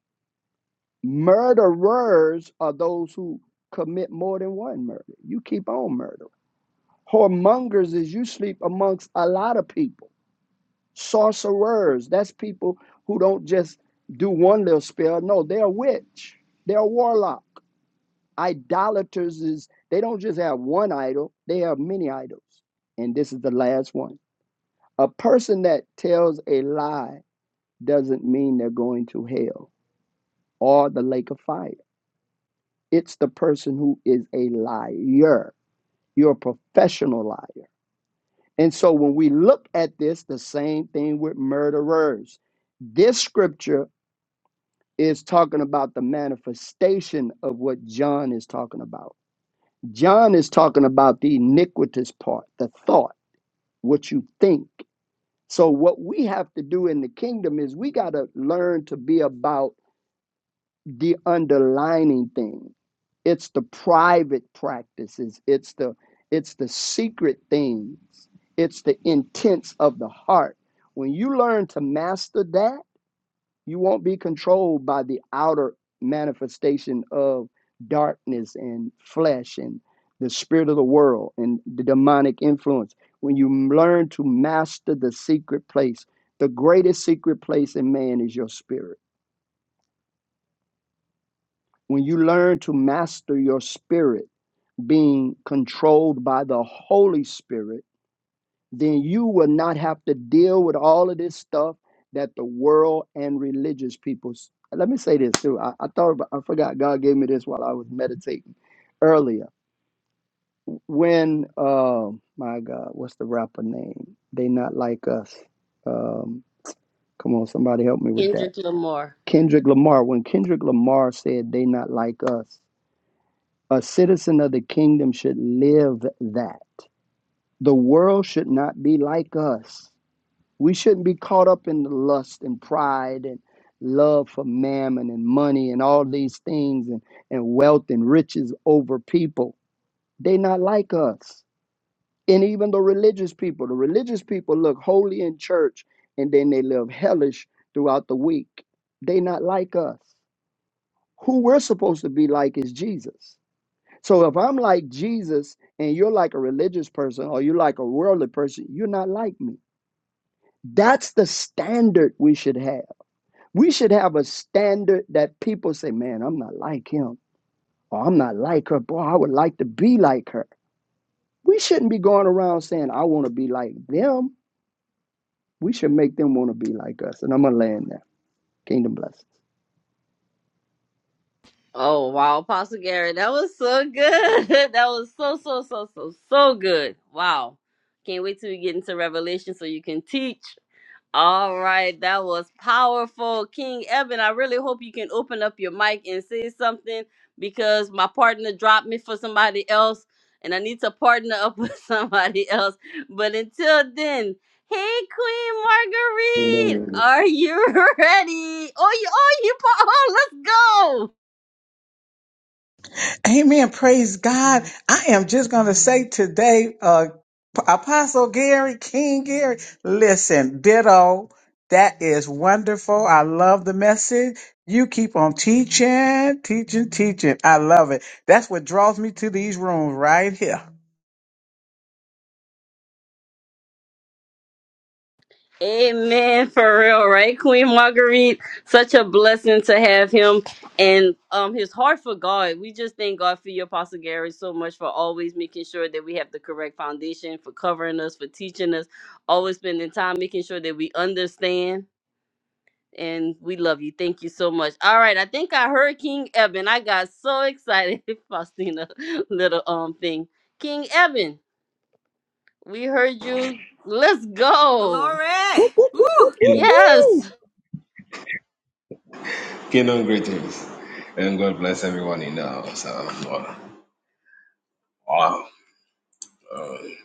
Speaker 3: Murderers are those who commit more than one murder. You keep on murdering. Whoremongers is you sleep amongst a lot of people. Sorcerers, that's people who don't just do one little spell. No, they're a witch. They're a warlock. Idolaters is they don't just have one idol, they have many idols. And this is the last one. A person that tells a lie doesn't mean they're going to hell or the lake of fire. It's the person who is a liar. You're a professional liar. And so when we look at this, the same thing with murderers. This scripture is talking about the manifestation of what John is talking about. John is talking about the iniquitous part, the thought, what you think. So what we have to do in the kingdom is we got to learn to be about the underlining thing. It's the private practices. It's the it's the secret things. It's the intents of the heart. When you learn to master that you won't be controlled by the outer manifestation of darkness and flesh and the spirit of the world and the demonic influence. When you learn to master the secret place, the greatest secret place in man is your spirit. When you learn to master your spirit, being controlled by the Holy Spirit, then you will not have to deal with all of this stuff that the world and religious people. Let me say this too. I, I thought about, I forgot God gave me this while I was meditating earlier. When um my God, what's the rapper name? They not like us. Um, come on, somebody help me with that.
Speaker 1: Kendrick Lamar.
Speaker 3: Kendrick Lamar. When Kendrick Lamar said they not like us, a citizen of the kingdom should live that. The world should not be like us We shouldn't be caught up in the lust and pride and love for mammon and money and all these things and, and wealth and riches over people. They not like us. And even the religious people, the religious people look holy in church and then they live hellish throughout the week. They not like us. Who we're supposed to be like is Jesus. So if I'm like Jesus and you're like a religious person or you're like a worldly person, you're not like me. That's the standard we should have We should have a standard that people say, man, I'm not like him or I'm not like her. Boy, I would like to be like her. We shouldn't be going around saying, I want to be like them. We should make them want to be like us. And I'm going to land there. Kingdom blessings.
Speaker 1: Oh wow, Apostle Gary, that was so good. (laughs) that was so so so so so good. Wow. Can't wait till we get into Revelation so you can teach. All right, that was powerful. King Evan, I really hope you can open up your mic and say something because my partner dropped me for somebody else and I need to partner up (laughs) with somebody else. But until then, hey Queen Marguerite,
Speaker 6: Kingdom,
Speaker 1: are you (laughs) ready? Oh, you oh you pa- oh, let's go.
Speaker 7: Amen. Praise God. I am just going to say today, uh, Apostle Gary, King Gary, listen, ditto. That is wonderful. I love the message. You keep on teaching, teaching, teaching. I love it. That's what draws me to these rooms right here.
Speaker 1: Amen for real, right? Queen Marguerite, such a blessing to have him and um his heart for God. We just thank God for you, Apostle Gary, so much for always making sure that we have the correct foundation, for covering us, for teaching us, always spending time making sure that we understand. And we love you. Thank you so much. All right, I think I heard King Eben. I got so excited, (laughs) Faustina, little um thing. King Eben, we heard you. Let's go.
Speaker 3: Whoop,
Speaker 2: Glory!
Speaker 3: whoop, whoop,
Speaker 2: Woo!
Speaker 3: whoop, whoop,
Speaker 6: kingdom
Speaker 1: Yes.
Speaker 3: whoop.
Speaker 6: greetings, and God bless everyone in the house. Um, wow. Um,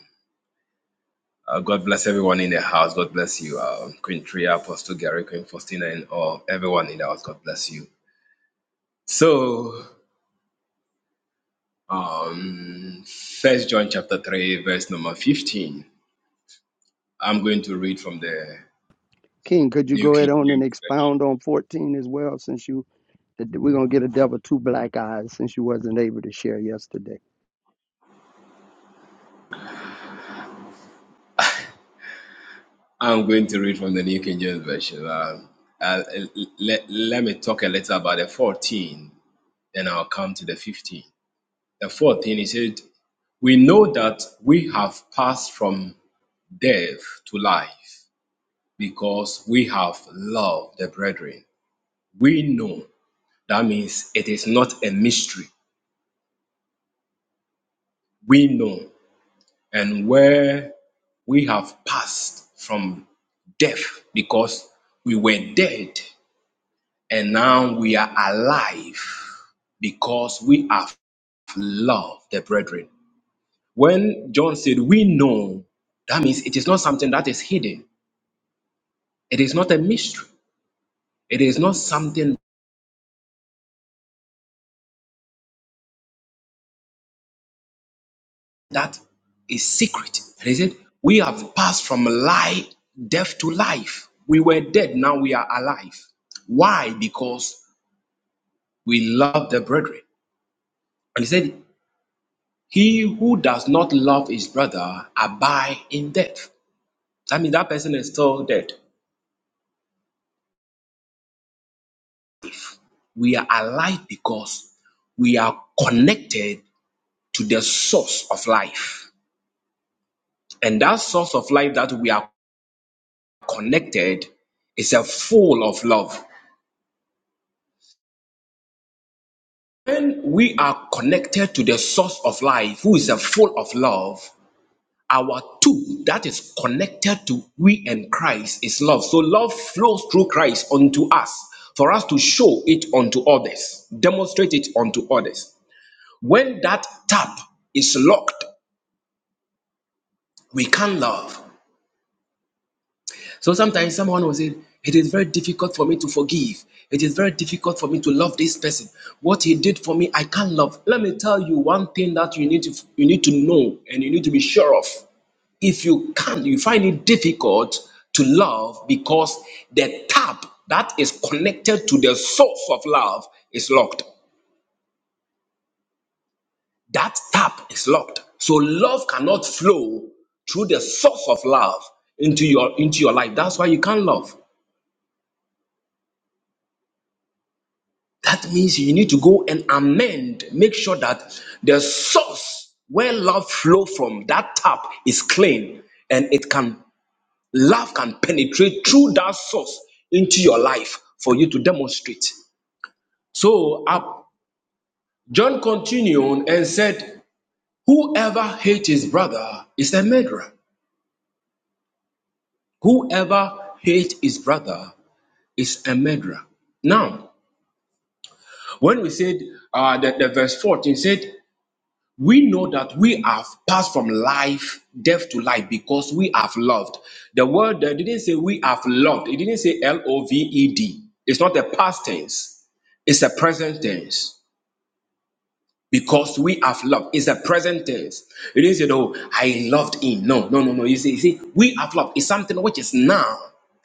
Speaker 6: uh, God bless everyone in the house. God bless you, um, Queen Tria, Apostle Gary, Queen Faustina, and all everyone in the house. God bless you. So, um, First John chapter three, verse number fifteen. I'm going to read from the
Speaker 3: King, could you
Speaker 6: New
Speaker 3: go ahead
Speaker 6: King
Speaker 3: on and
Speaker 6: James Version.
Speaker 3: expound on 14 as well since you, we're going to get a devil two black eyes since you wasn't able to share yesterday.
Speaker 6: I'm going to read from the New King James Version. Um, uh, let, let me talk a little about the 14, then I'll come to the 15. The fourth thing, he said, We know that we have passed from death to life because we have loved the brethren. We know. That means it is not a mystery. We know. And where we have passed from death because we were dead and now we are alive because we have loved the brethren. When John said, We know, that means it is not something that is hidden It is not a mystery. It is not something that is secret. It is it. We have passed from life, death to life. We were dead, now we are alive. Why? Because we love the brethren. And he said, He who does not love his brother abide in death. That means that person is still dead. We are alive because we are connected to the source of life. And that source of life that we are connected is a full of love. When we are connected to the source of life, who is a full of love, our two that is connected to we and Christ is love. So love flows through Christ unto us for us to show it unto others, demonstrate it unto others. When that tap is locked, we can love. So sometimes someone will say, It is very difficult for me to forgive. It is very difficult for me to love this person. What he did for me, I can't love. Let me tell you one thing that you need to you need to know and you need to be sure of. If you can't, you find it difficult to love because the tap that is connected to the source of love is locked. That tap is locked. So love cannot flow through the source of love into your into your life. That's why you can't love. That means you need to go and amend. Make sure that the source where love flow from, that tap is clean and it can, love can penetrate through that source into your life for you to demonstrate. So uh, John continued and said, whoever hates his brother is a murderer. Whoever hates his brother is a murderer. Now, when we said uh, that the verse 14 said, we know that we have passed from life, death to life, because we have loved. The word there didn't say we have loved, it didn't say L O V E D. It's not a past tense, it's a present tense. Because we have loved. It's a present tense. It didn't say, no, I loved him. No, no, no, no. You see, you see, we have loved. It's something which is now,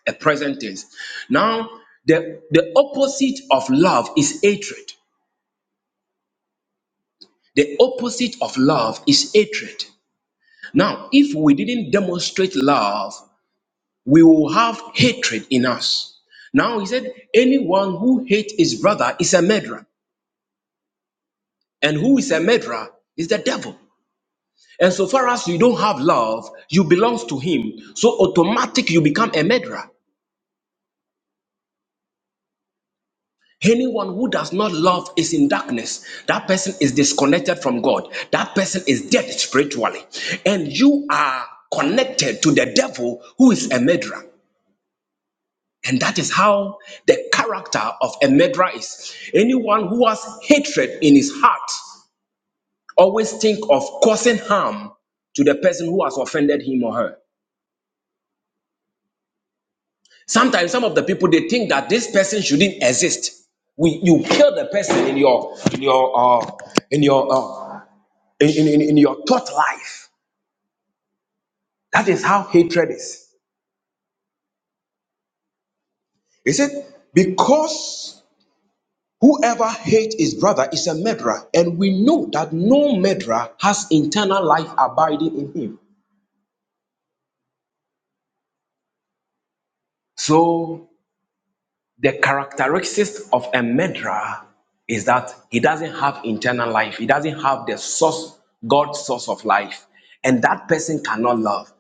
Speaker 6: a present tense. Now, the, the opposite of love is hatred. The opposite of love is hatred. Now, if we didn't demonstrate love, we will have hatred in us. Now, he said, anyone who hates his brother is a murderer. And who is a murderer is the devil. And so far as you don't have love, you belong to him. So automatic you become a murderer. Anyone who does not love is in darkness. That person is disconnected from God. That person is dead spiritually. And you are connected to the devil who is a murderer. And that is how the character of a murderer is. Anyone who has hatred in his heart always think of causing harm to the person who has offended him or her. Sometimes some of the people they think that this person shouldn't exist. We, you kill the person in your in your uh, in your uh, in, in, in in your thought life. That is how hatred is. Is it because Whoever hates his brother is a murderer, and we know that no murderer has eternal life abiding in him. So, the characteristics of a murderer is that he doesn't have internal life, he doesn't have the source, God's source of life, and that person cannot love.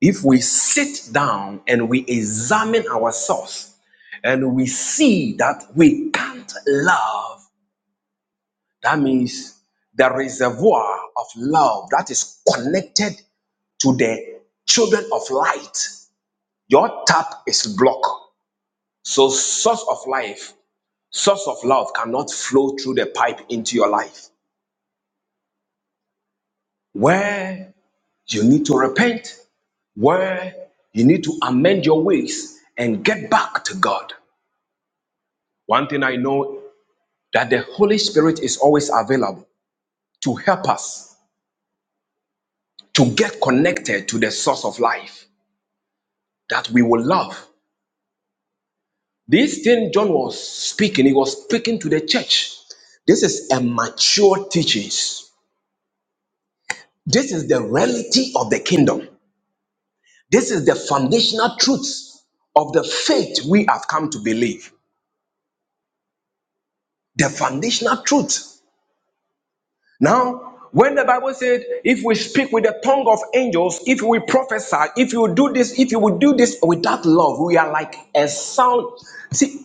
Speaker 6: If we sit down and we examine ourselves and we see that we can't love, that means the reservoir of love that is connected to the children of light. Your tap is blocked. So, source of life, source of love cannot flow through the pipe into your life. Where you need to repent, where you need to amend your ways and get back to God. One thing I know that the Holy Spirit is always available to help us to get connected to the source of life that we will love, This thing John was speaking, he was speaking to the church. This is a mature teachings. This is the reality of the kingdom. This is the foundational truth of the faith we have come to believe. The foundational truth. Now, when the Bible said, if we speak with the tongue of angels, if we prophesy, if you do this, if you will do this without love, we are like a sound. See,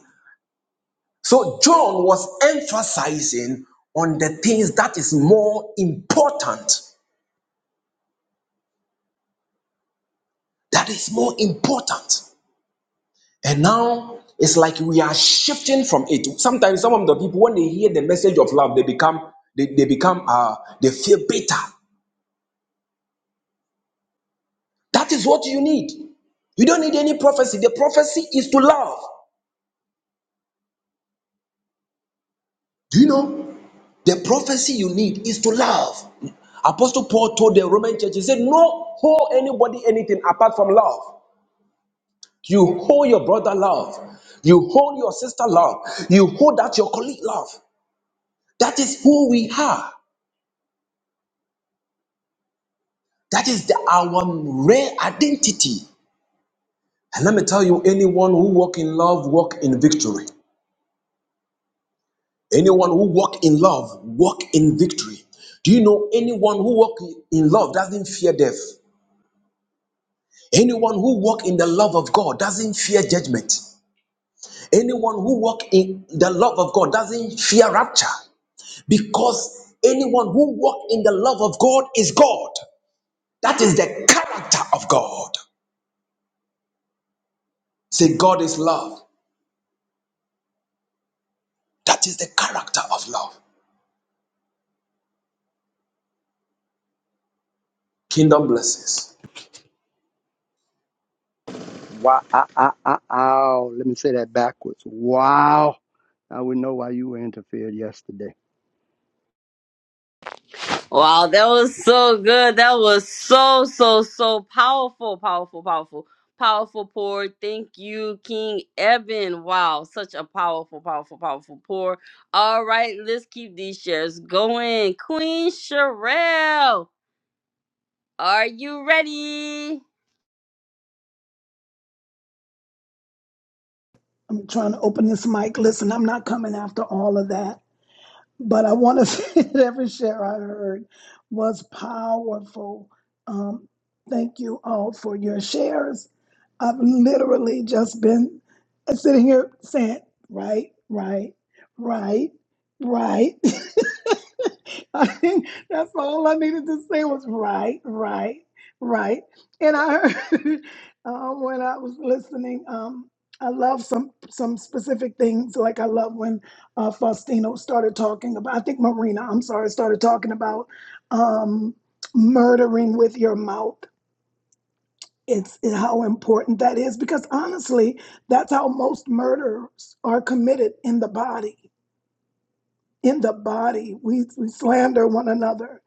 Speaker 6: So John was emphasizing on the things that is more important. That is more important. And now it's like we are shifting from it. Sometimes some of the people, when they hear the message of love, they become they, they become uh they feel bitter. That is what you need. You don't need any prophecy. The prophecy is to love. Do you know? The prophecy you need is to love. Apostle Paul told the Roman church, he said, No, hold anybody anything apart from love. You hold your brother love. You hold your sister love. You hold out your colleague love. That is who we are. That is the, our rare identity. And let me tell you, anyone who walk in love, walk in victory. Anyone who walk in love, walk in victory. Do you know anyone who walk in love doesn't fear death? Anyone who walk in the love of God doesn't fear judgment. Anyone who walk in the love of God doesn't fear rapture. because anyone who walks in the love of God is God. That is the character of God. Say, God is love. That is the character of love. Kingdom blessings.
Speaker 3: Wow. ah, ah, ah, ow. Let me say that backwards. Wow. I would know why you were interfered yesterday.
Speaker 1: Wow, that was so good. That was so, so, so powerful, powerful, powerful, powerful pour. Thank you, King Evan. Wow, such a powerful, powerful, powerful pour. All right, let's keep these shares going. Queen Sherelle, are you ready?
Speaker 8: I'm trying to open this mic. Listen, I'm not coming after all of that. But I want to (laughs) say that every share I heard was powerful. Um, thank you all for your shares. I've literally just been sitting here saying, right, right, right, right. (laughs) I think that's all I needed to say was right, right, right. And I heard (laughs) um, when I was listening, um, I love some some specific things. Like I love when uh, Faustino started talking about, I think Marina, I'm sorry, started talking about um, murdering with your mouth. It's it, how important that is because honestly, that's how most murders are committed in the body. In the body, we, we slander one another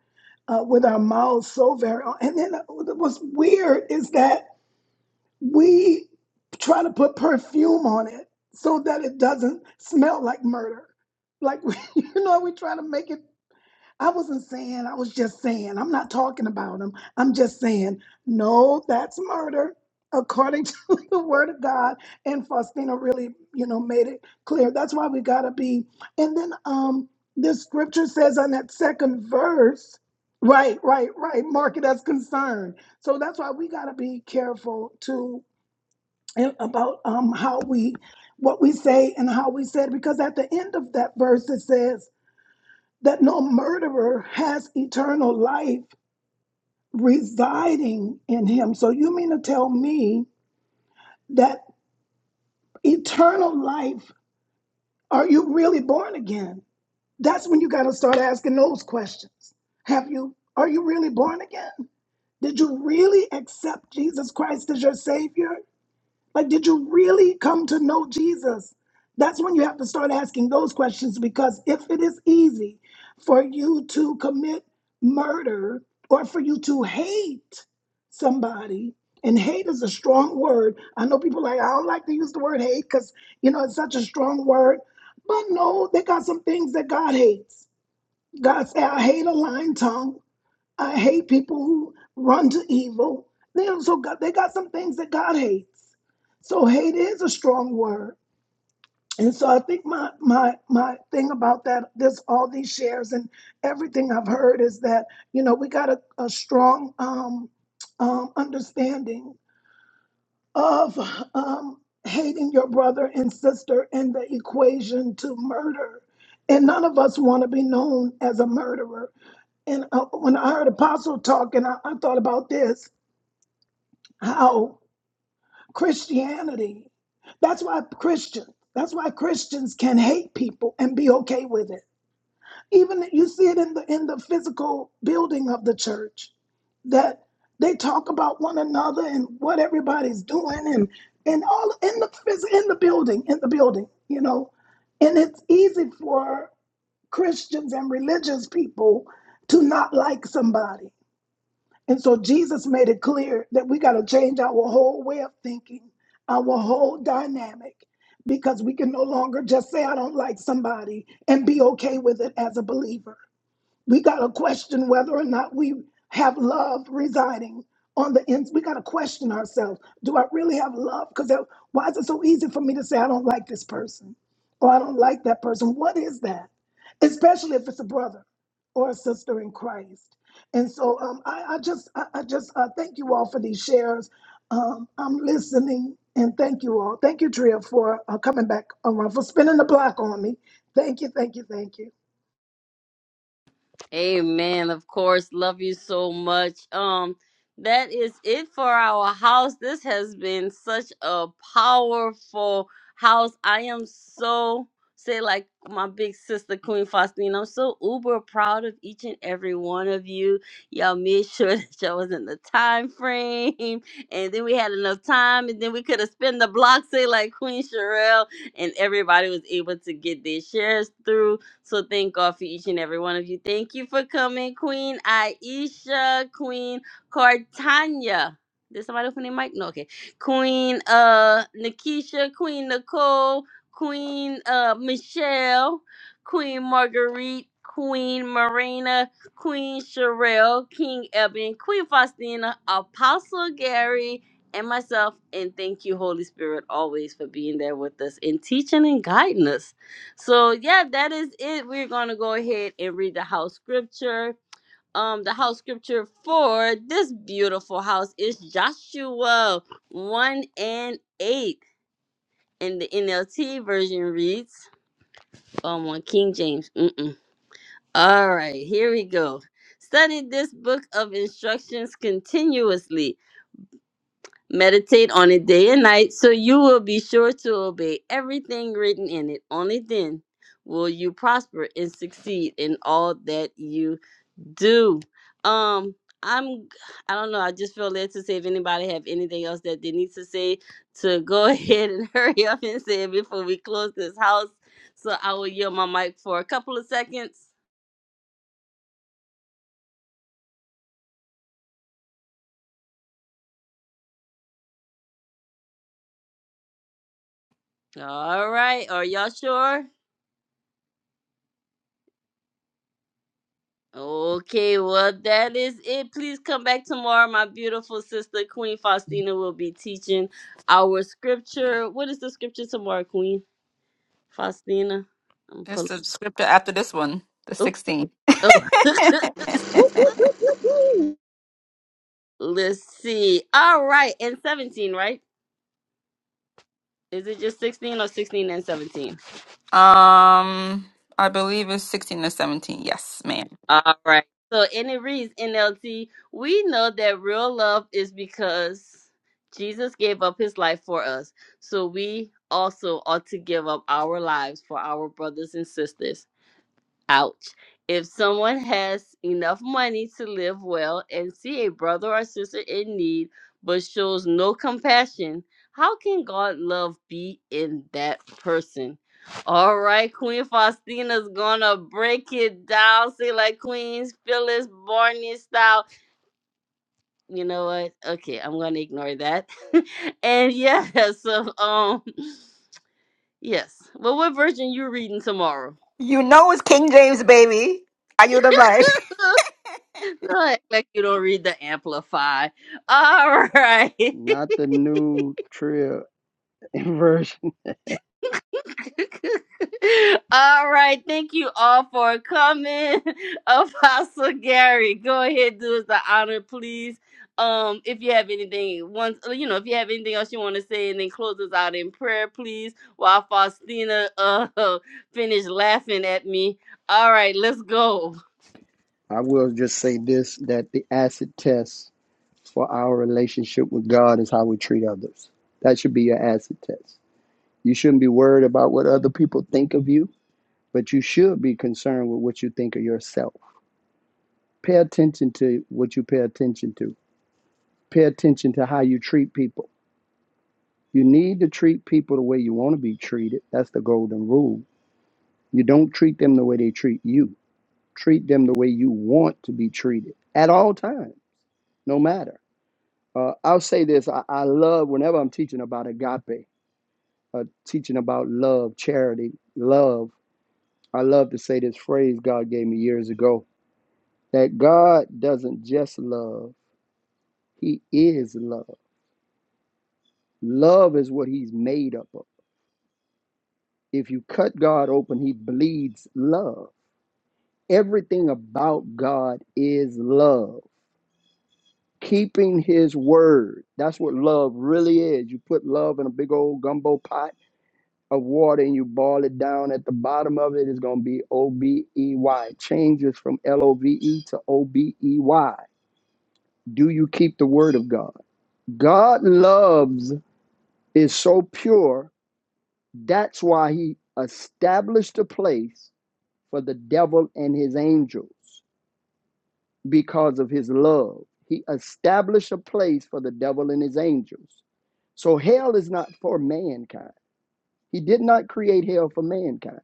Speaker 8: uh, with our mouths so very. And then what's weird is that we try to put perfume on it so that it doesn't smell like murder. Like (laughs) you know, we try to make it I wasn't saying, I was just saying, I'm not talking about him. I'm just saying, no, that's murder according to (laughs) the word of God. And Faustina really, you know, made it clear. That's why we gotta be. And then um this scripture says on that second verse, right, right, right, mark it as concern. So that's why we gotta be careful to and about um how we what we say and how we said because at the end of that verse it says that no murderer has eternal life residing in him. So you mean to tell me that eternal life, are you really born again? That's when you got to start asking those questions. Have you, are you really born again? Did you really accept Jesus Christ as your Savior? Like, did you really come to know Jesus? That's when you have to start asking those questions because if it is easy for you to commit murder or for you to hate somebody, and hate is a strong word. I know people like, I don't like to use the word hate because, you know, it's such a strong word. But no, they got some things that God hates. God said, I hate a lying tongue. I hate people who run to evil. They also got they got some things that God hates. So hate is a strong word. And so I think my my my thing about that, this all these shares and everything I've heard is that, you know, we got a, a strong um, um understanding of um hating your brother and sister in the equation to murder. And none of us want to be known as a murderer and uh, when I heard Apostle talking, I, I thought about this how Christianity, that's why Christians, that's why Christians can hate people and be okay with it. Even you see it in the in the physical building of the church, that they talk about one another and what everybody's doing and and all in the phys- in the building in the building, you know, and it's easy for Christians and religious people to not like somebody And so Jesus made it clear that we got to change our whole way of thinking, our whole dynamic, because we can no longer just say, I don't like somebody and be okay with it as a believer. We got to question whether or not we have love residing on the ends. We got to question ourselves. Do I really have love? Because why is it so easy for me to say, I don't like this person or I don't like that person? What is that? Especially if it's a brother or a sister in Christ. And so um, I, I just, I, I just uh, thank you all for these shares. Um, I'm listening and thank you all. Thank you, Tria, for uh, coming back around, for spinning the block on me. Thank you, thank you, thank you.
Speaker 1: Amen. Of course, love you so much. Um, that is it for our house. This has been such a powerful house. I am so say like my big sister Queen Faustine. I'm so uber proud of each and every one of you. Y'all made sure (laughs) that y'all was in the time frame, and then we had enough time, and then we could have spent the block. Say like Queen Sherelle, and everybody was able to get their shares through. So thank God for each and every one of you. Thank you for coming, Queen Aisha, Queen Cartanya. Did somebody open their mic? No, okay. Queen uh Nikisha, Queen Nicole, Queen uh Michelle, Queen Marguerite, Queen Marina, Queen Sherelle, King Eben, Queen Faustina, Apostle Gary, and myself. And thank you, Holy Spirit, always for being there with us and teaching and guiding us. So yeah, that is it. We're gonna go ahead and read the house scripture. Um, the house scripture for this beautiful house is Joshua one and eight, and the NLT version reads, um, on King James. Mm-mm. All right, here we go. Study this book of instructions continuously Meditate on it day and night so you will be sure to obey everything written in it. Only then will you prosper and succeed in all that you do. Um I'm I don't know, I just feel led to say if anybody have anything else that they need to say to go (laughs) ahead and hurry up and say it before we close this house. So I will yield my mic for a couple of seconds. All right, are y'all sure? Okay, well, that is it. Please come back tomorrow. My beautiful sister, Queen Faustina, will be teaching our scripture. What is the scripture tomorrow, Queen Faustina? I'm
Speaker 2: It's
Speaker 1: pull-
Speaker 2: the scripture after this one, the
Speaker 1: oh,
Speaker 2: 16.
Speaker 1: oh,
Speaker 2: (laughs)
Speaker 3: Whoop, whoop, whoop, whoop, whoop.
Speaker 1: let's see. All right, and 17, right? Is it just 16 or 16 and 17?
Speaker 2: Um, I believe it's 16 or 17. Yes, ma'am.
Speaker 1: All right. So, and it reads NLT, we know that real love is because Jesus gave up his life for us. So, we also ought to give up our lives for our brothers and sisters. Ouch. If someone has enough money to live well and see a brother or sister in need but shows no compassion, how can God love be in that person? All right, Queen Faustina's gonna break it down. Say like Queen's Phyllis Barney style. You know what? Okay, I'm gonna ignore that. (laughs) and yeah, so (laughs) um yes. Well, what version you reading tomorrow?
Speaker 2: You know it's King James, baby. Are you the mic? (laughs)
Speaker 1: (laughs) do act like you don't read the amplify. All right.
Speaker 3: Not the new trail (laughs) inversion.
Speaker 1: (laughs) all right. Thank you all for coming. (laughs) Apostle Gary, go ahead, do us the honor, please. Um, if you have anything once uh, you know, if you have anything else you want to say and then close us out in prayer, please, while Faustina uh (laughs) finish laughing at me. All right, let's go.
Speaker 3: I will just say this that the acid test for our relationship with God is how we treat others. That should be your acid test. You shouldn't be worried about what other people think of you, but you should be concerned with what you think of yourself. Pay attention to what you pay attention to. Pay attention to how you treat people. You need to treat people the way you want to be treated. That's the golden rule. You don't treat them the way they treat you treat them the way you want to be treated at all times, no matter. Uh, I'll say this I, I love whenever I'm teaching about agape, uh, teaching about love, charity, love. I love to say this phrase God gave me years ago that God doesn't just love, He is love. Love is what He's made up of. If you cut God open, He bleeds love. Everything about God is love keeping his word. That's what love really is. You put love in a big old gumbo pot of water and you boil it down. At the bottom of it is going to be O B E Y. It Changes from L O V E to O B E Y. Do you keep the word of God? God loves is so pure. That's why he established a place for the devil and his angels. because of his love. He established a place for the devil and his angels. So hell is not for mankind. He did not create hell for mankind.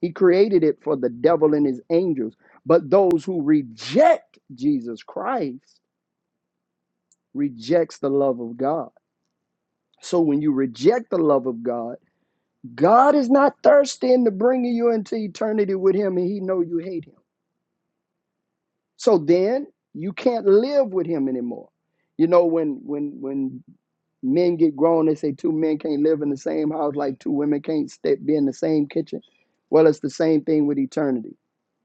Speaker 3: He created it for the devil and his angels. But those who reject Jesus Christ rejects the love of God. So when you reject the love of God, God is not thirsty into bringing you into eternity with him and he know you hate him. So then you can't live with him anymore. You know, when when when men get grown, they say two men can't live in the same house like two women can't step, be in the same kitchen. Well, it's the same thing with eternity.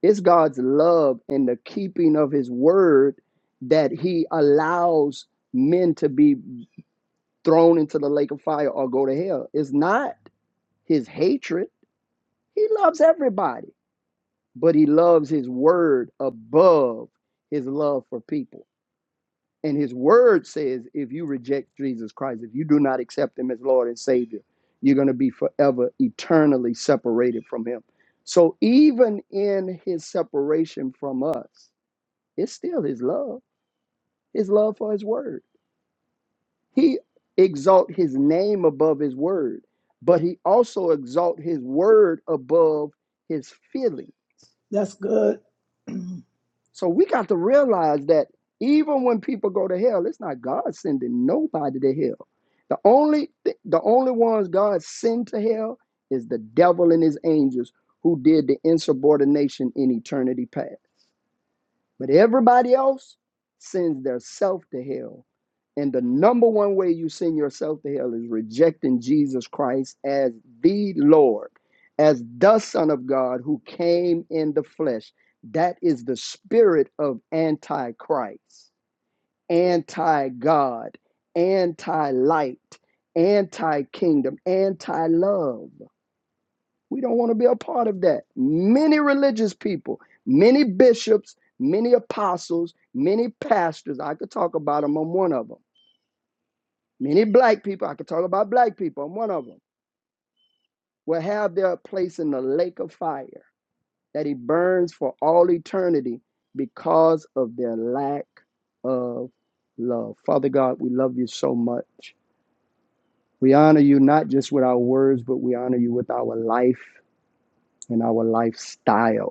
Speaker 3: It's God's love and the keeping of his word that he allows men to be thrown into the lake of fire or go to hell. It's not his hatred. He loves everybody, but he loves his word above his love for people. And his word says, if you reject Jesus Christ, if you do not accept him as Lord and Savior, you're going to be forever eternally separated from him. So even in his separation from us, it's still his love, his love for his word. He exalt his name above his word, but he also exalt his word above his feelings
Speaker 8: That's good.
Speaker 3: So we got to realize that even when people go to hell, it's not God sending nobody to hell. The only th- the only ones God sent to hell is the devil and his angels who did the insubordination in eternity past. But everybody else sends their self to hell. And the number one way you send yourself to hell is rejecting Jesus Christ as the Lord, as the Son of God who came in the flesh. That is the spirit of antichrist, anti God, anti light, anti kingdom, anti love. We don't want to be a part of that. Many religious people, many bishops, many apostles, many pastors, I could talk about them, I'm one of them. Many black people, I could talk about black people, I'm one of them, will have their place in the lake of fire that he burns for all eternity because of their lack of love. Father God, we love you so much. We honor you not just with our words, but we honor you with our life and our lifestyle.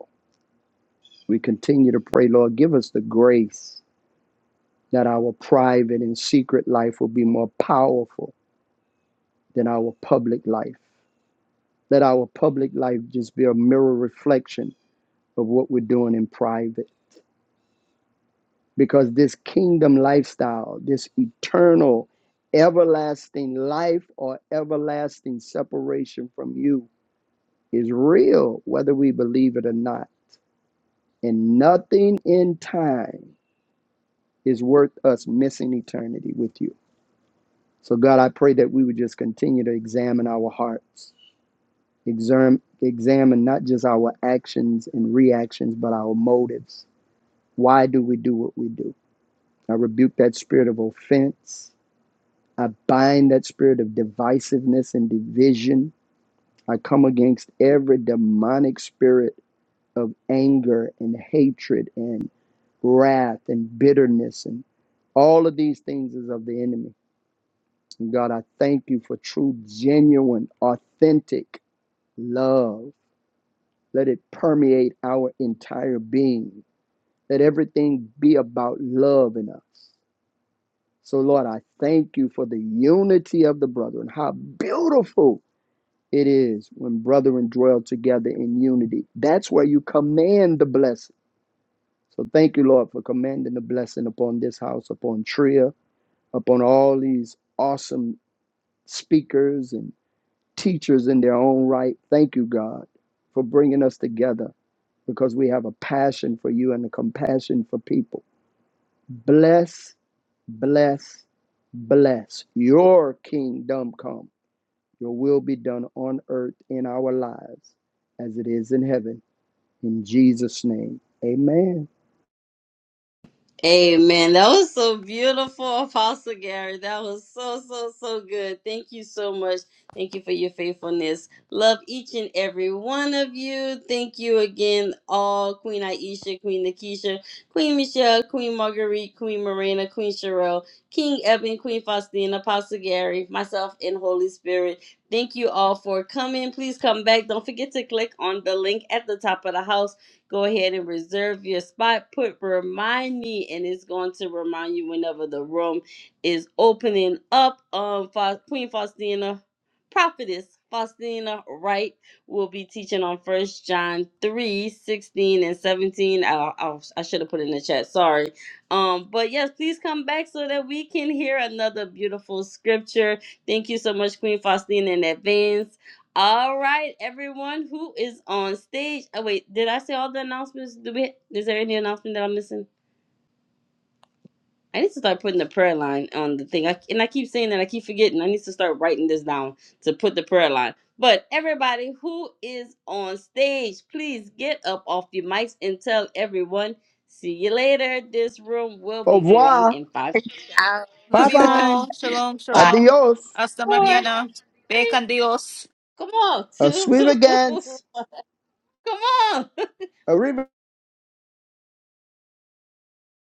Speaker 3: We continue to pray, Lord, give us the grace that our private and secret life will be more powerful than our public life. Let our public life just be a mirror reflection of what we're doing in private. Because this kingdom lifestyle, this eternal, everlasting life or everlasting separation from you is real, whether we believe it or not. And nothing in time is worth us missing eternity with you. So, God, I pray that we would just continue to examine our hearts, examine, examine not just our actions and reactions, but our motives. Why do we do what we do? I rebuke that spirit of offense. I bind that spirit of divisiveness and division. I come against every demonic spirit of anger and hatred and wrath and bitterness and all of these things is of the enemy. And God, I thank you for true, genuine, authentic love. Let it permeate our entire being. Let everything be about love in us. So, Lord, I thank you for the unity of the brethren. How beautiful it is when brethren dwell together in unity. That's where you command the blessing. So, thank you, Lord, for commanding the blessing upon this house, upon Tria, upon all these awesome speakers and teachers in their own right. Thank you, God, for bringing us together because we have a passion for you and a compassion for people. Bless, bless, bless. Your kingdom come. Your will be done on earth in our lives as it is in heaven. In Jesus' name. Amen.
Speaker 1: Amen. That was so beautiful, Apostle Gary. That was so, so, so good. Thank you so much. Thank you for your faithfulness. Love each and every one of you. Thank you again, all Queen Aisha, Queen Nakisha, Queen Michelle, Queen Marguerite, Queen Marina, Queen Sherelle, King Eben, Queen Faustina, Apostle Gary, myself, and Holy Spirit. Thank you all for coming. Please come back. Don't forget to click on the link at the top of the house Go ahead and reserve your spot. Put remind me, and it's going to remind you whenever the room is opening up. Um, Fa- Queen Faustina, prophetess Faustina Wright will be teaching on First John 3 16 and 17. I, I, I should have put it in the chat. Sorry. Um, but yes, please come back so that we can hear another beautiful scripture. Thank you so much, Queen Faustina, in advance. All right, everyone who is on stage. Oh wait, did I say all the announcements? Do we? Is there any announcement that I'm missing? I need to start putting the prayer line on the thing. I, and I keep saying that I keep forgetting. I need to start writing this down to put the prayer line. But everybody who is on stage, please get up off your mics and tell everyone. See you later. This room will
Speaker 3: Au
Speaker 1: be closing
Speaker 3: revoir.
Speaker 1: in five,
Speaker 2: Love
Speaker 7: Bye
Speaker 2: you
Speaker 7: bye.
Speaker 2: all. Shalom,
Speaker 1: five,
Speaker 2: shalom.
Speaker 3: Adios.
Speaker 2: Hasta
Speaker 1: four,
Speaker 2: mañana.
Speaker 1: three.
Speaker 2: Bacon Dios.
Speaker 1: Come on,
Speaker 3: A
Speaker 1: two.
Speaker 3: sweet
Speaker 1: (laughs)
Speaker 3: against.
Speaker 1: Come on. (laughs)
Speaker 3: A river.